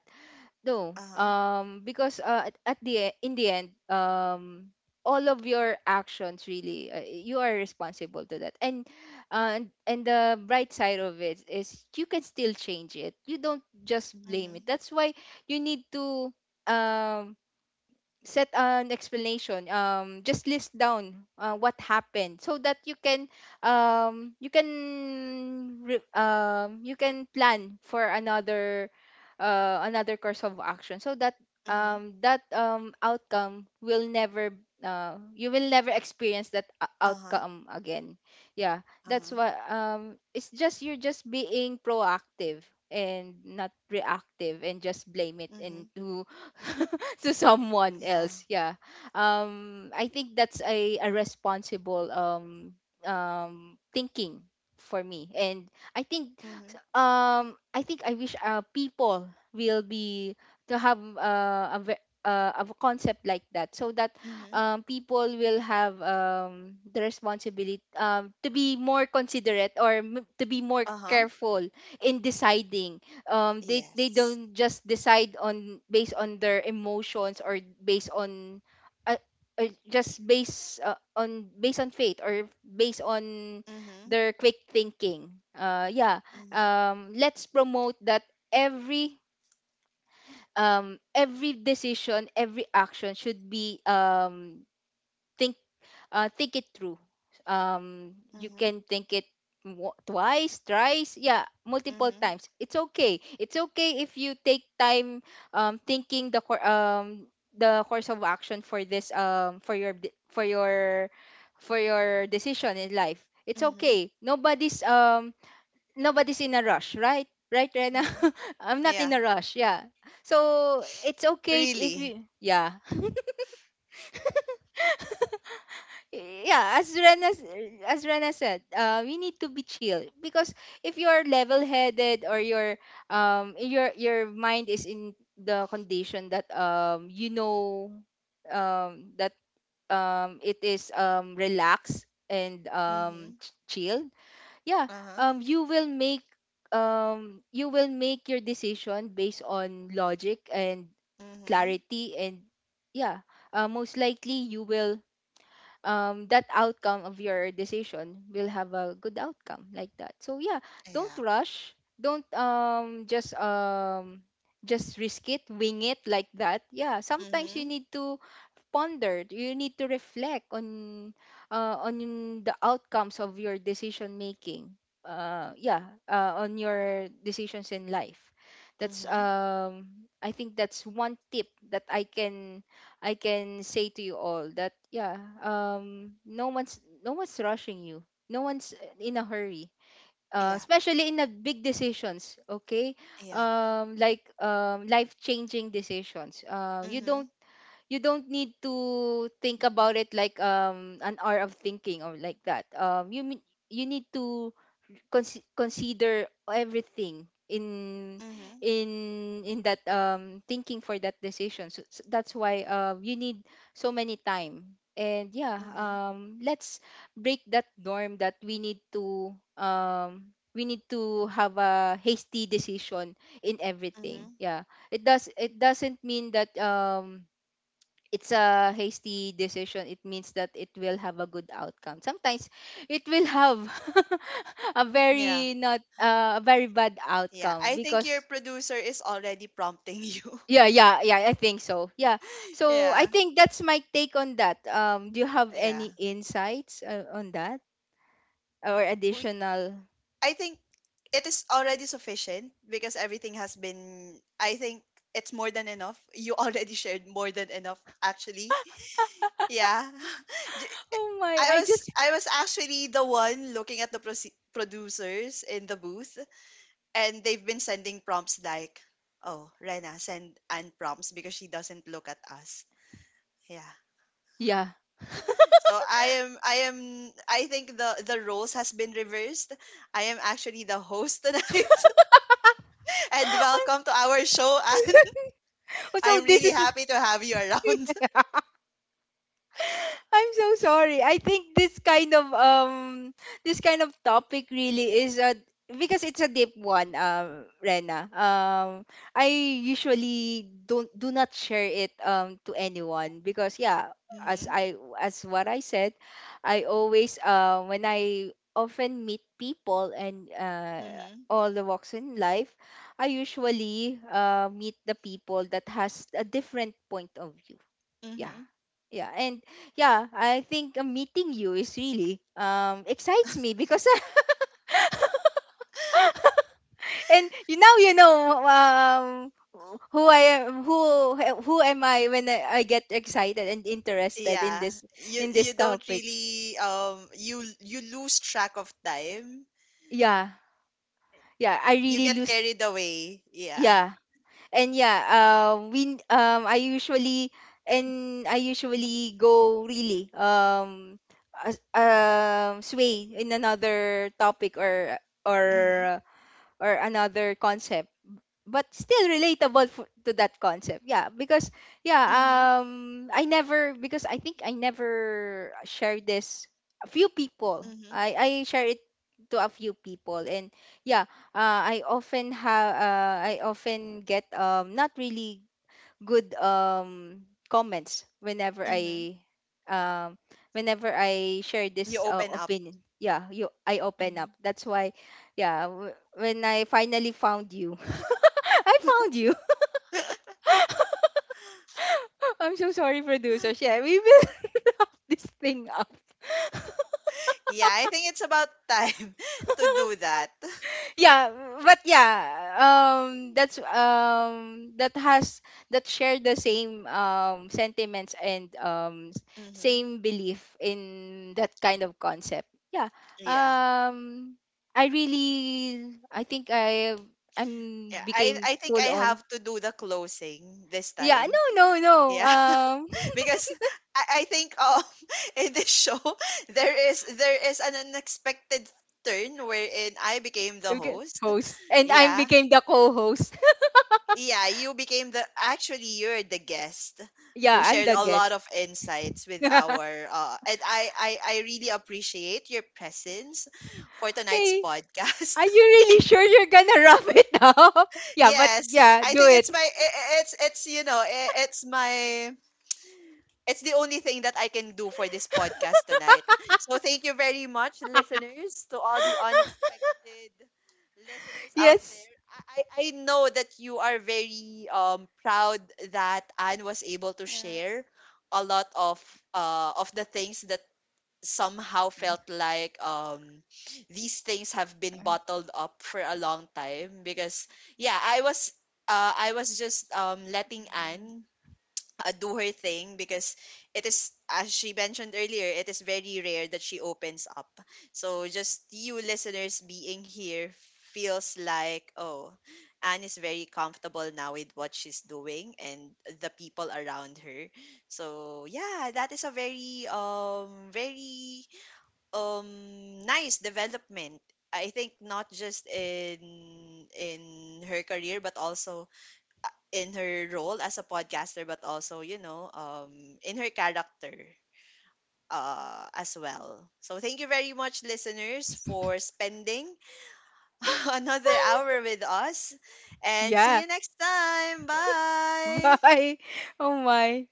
Speaker 1: No,
Speaker 2: Uh-huh.
Speaker 1: because, at in the end, all of your actions really, you are responsible to that. And, and the bright side of it is, you can still change it. You don't just blame
Speaker 2: Mm-hmm.
Speaker 1: it. That's why you need to, um set an explanation, just list down, what happened so that you can, you can plan for another, another course of action, so that,
Speaker 2: Hmm.
Speaker 1: that, outcome will never... you will never experience that
Speaker 2: Uh-huh.
Speaker 1: outcome again. Yeah. That's
Speaker 2: Uh-huh.
Speaker 1: what, it's just, you're just being proactive and not reactive, and just blame it
Speaker 2: Hmm.
Speaker 1: into to someone
Speaker 2: Yeah.
Speaker 1: else. Yeah, I think that's a responsible, thinking, for me. And I think,
Speaker 2: Mm-hmm.
Speaker 1: I wish, people will be, to have, of a concept like that, so that,
Speaker 2: Mm-hmm.
Speaker 1: people will have, the responsibility, to be more considerate, or, to be more
Speaker 2: Uh-huh.
Speaker 1: careful in deciding, they
Speaker 2: Yes.
Speaker 1: don't just decide on, based on their emotions, or based on, uh, just based, on based on faith, or based on
Speaker 2: Mm-hmm.
Speaker 1: their quick thinking, yeah,
Speaker 2: Mm-hmm.
Speaker 1: let's promote that, every every decision, every action, should be, think, think it through. You
Speaker 2: Mm-hmm.
Speaker 1: can think it, twice, thrice, yeah, multiple
Speaker 2: Mm-hmm.
Speaker 1: times. It's okay. It's okay if you take time, thinking the, the course of action for this, for your decision in life. It's
Speaker 2: Mm-hmm.
Speaker 1: okay. Nobody's in a rush, right? Right, Rena?
Speaker 2: Mm-hmm.
Speaker 1: I'm not in
Speaker 2: Yeah.
Speaker 1: a rush. Yeah. So it's okay if
Speaker 2: Really.
Speaker 1: you, yeah, yeah. As Rena said, we need to be chill because if you're level-headed or your mind is in the condition that that it is relaxed and
Speaker 2: Mm-hmm.
Speaker 1: chill, yeah,
Speaker 2: Uh-huh.
Speaker 1: you will make, you will make your decision based on logic and
Speaker 2: Mm-hmm.
Speaker 1: clarity, and yeah, most likely you will, that outcome of your decision will have a good outcome like that, so yeah, don't
Speaker 2: Yeah.
Speaker 1: rush, don't just risk it, wing it like that, yeah. Sometimes you
Speaker 2: Mm-hmm.
Speaker 1: need to ponder, you need to reflect on, on the outcomes of your decision making, yeah, on your decisions in life. That's
Speaker 2: Mm-hmm.
Speaker 1: I think that's one tip that I can say to you all. That Yeah, no one's rushing you, no one's in a hurry,
Speaker 2: Yeah.
Speaker 1: especially in the big decisions, okay.
Speaker 2: Yeah.
Speaker 1: Like life changing decisions, you
Speaker 2: Mm-hmm.
Speaker 1: don't, you don't need to think about it like an hour of thinking or like that. You mean you need to consider everything
Speaker 2: Mm-hmm.
Speaker 1: in in that thinking for that decision. So, so that's why you need so many time. And yeah,
Speaker 2: Mm-hmm.
Speaker 1: let's break that norm that we need to, we need to have a hasty decision in everything.
Speaker 2: Mm-hmm.
Speaker 1: Yeah, it does, it doesn't mean that it's a hasty decision, it means that it will have a good outcome. Sometimes it will have a
Speaker 2: Yeah.
Speaker 1: very not a very bad
Speaker 2: Yeah.
Speaker 1: outcome
Speaker 2: I think your
Speaker 1: because
Speaker 2: producer is already prompting you.
Speaker 1: yeah, yeah, yeah, I think so. Yeah. So I
Speaker 2: Yeah.
Speaker 1: think that's my take on that. Do you have
Speaker 2: Yeah.
Speaker 1: any insights on that or
Speaker 2: We,
Speaker 1: additional
Speaker 2: I think it is already sufficient because everything has been, I think it's more than enough. You already shared more than enough actually. Yeah. J-
Speaker 1: Oh my,
Speaker 2: I
Speaker 1: I
Speaker 2: was
Speaker 1: just
Speaker 2: I was actually the one looking at the producers in the booth, and they've been sending prompts like, "Oh, Rena, send Anne prompts because she doesn't look at us." Yeah.
Speaker 1: yeah.
Speaker 2: So I am, I think the roles has been reversed. I am actually the host tonight. And welcome to our show, Anne.
Speaker 1: Oh, so
Speaker 2: I'm
Speaker 1: this
Speaker 2: really
Speaker 1: is
Speaker 2: happy to have you around.
Speaker 1: I'm so sorry. I think this kind of topic really is a, because it's a deep one, Rena. I usually don't, do not share it to anyone because yeah, as
Speaker 2: Mhm.
Speaker 1: I, as what I said, I always when I often meet people and
Speaker 2: Mhm.
Speaker 1: all the walks in life, I usually meet the people that has a different point of view, yeah,
Speaker 2: Mhm.
Speaker 1: yeah, and yeah, I think meeting you is really excites me because and you now you know, um who I am, who, eh, who am I when I get excited and interested in
Speaker 2: Yeah,
Speaker 1: this,
Speaker 2: you
Speaker 1: in
Speaker 2: you
Speaker 1: this
Speaker 2: don't
Speaker 1: topic,
Speaker 2: really you lose track of time,
Speaker 1: yeah, yeah, I
Speaker 2: you
Speaker 1: really
Speaker 2: get
Speaker 1: lose,
Speaker 2: carried away. Yeah.
Speaker 1: yeah, and yeah, we I usually and I usually go really, sway in another topic,
Speaker 2: Mm-hmm.
Speaker 1: or or another concept, but still relatable to that concept, yeah, because yeah,
Speaker 2: Mm-hmm.
Speaker 1: I never, because I think I never shared this, a few people,
Speaker 2: Mm-hmm.
Speaker 1: I share it to a few people, and yeah, I often have, I often get not really good comments whenever
Speaker 2: Hmm.
Speaker 1: I, um whenever I share
Speaker 2: You
Speaker 1: this
Speaker 2: open up.
Speaker 1: opinion. Yeah, you, I open
Speaker 2: Mm-hmm.
Speaker 1: up. That's why, yeah, when I finally found you. I found you. I'm so sorry, producer. Yeah, we will wrap this thing up.
Speaker 2: Yeah, I think it's about time to do that.
Speaker 1: Yeah, but yeah, that's that has, that share the same sentiments and
Speaker 2: Mm-hmm.
Speaker 1: same belief in that kind of concept, yeah,
Speaker 2: Yeah,
Speaker 1: um I really, I think I, I'm
Speaker 2: yeah, i
Speaker 1: became
Speaker 2: i think
Speaker 1: full
Speaker 2: I
Speaker 1: on,
Speaker 2: have to do the closing this
Speaker 1: yeah,
Speaker 2: time.
Speaker 1: no, no, no,
Speaker 2: Yeah. Because I think in this show, there is, there is an unexpected turn wherein I became the
Speaker 1: okay,
Speaker 2: host.
Speaker 1: host, and I
Speaker 2: Yeah.
Speaker 1: became the co-host.
Speaker 2: Yeah, you became the, actually you're the guest who
Speaker 1: Yeah, I'm
Speaker 2: shared
Speaker 1: the
Speaker 2: a lot
Speaker 1: guest.
Speaker 2: of insights with our, and I really appreciate your presence for tonight's
Speaker 1: Hey, are
Speaker 2: podcast.
Speaker 1: you really sure you're gonna rough it up? Yeah, but
Speaker 2: Yes.
Speaker 1: yeah,
Speaker 2: I
Speaker 1: do
Speaker 2: think
Speaker 1: it.
Speaker 2: it's my, it's, you know, it's my, it's the only thing that I can do for this podcast tonight. So thank you very much, listeners, to all the unexpected listeners out
Speaker 1: Yes.
Speaker 2: there. I I know that you are very proud that Anne was able to share a lot of the things that somehow felt like these things have been bottled up for a long time, because yeah, I was just letting
Speaker 1: Mm.
Speaker 2: Anne do her thing, because it is, as she mentioned earlier, it is very rare that she opens up. So just you listeners being here feels like, oh, Anne is very comfortable now with what she's doing and the people around her. So yeah, that is a very very nice development, I think, not just in her career, but also in her role as a podcaster, but also, you know, in her character as well. So thank you very much, listeners, for spending another hour with us. And see
Speaker 1: Yeah.
Speaker 2: you next time. Bye.
Speaker 1: Bye. Oh my.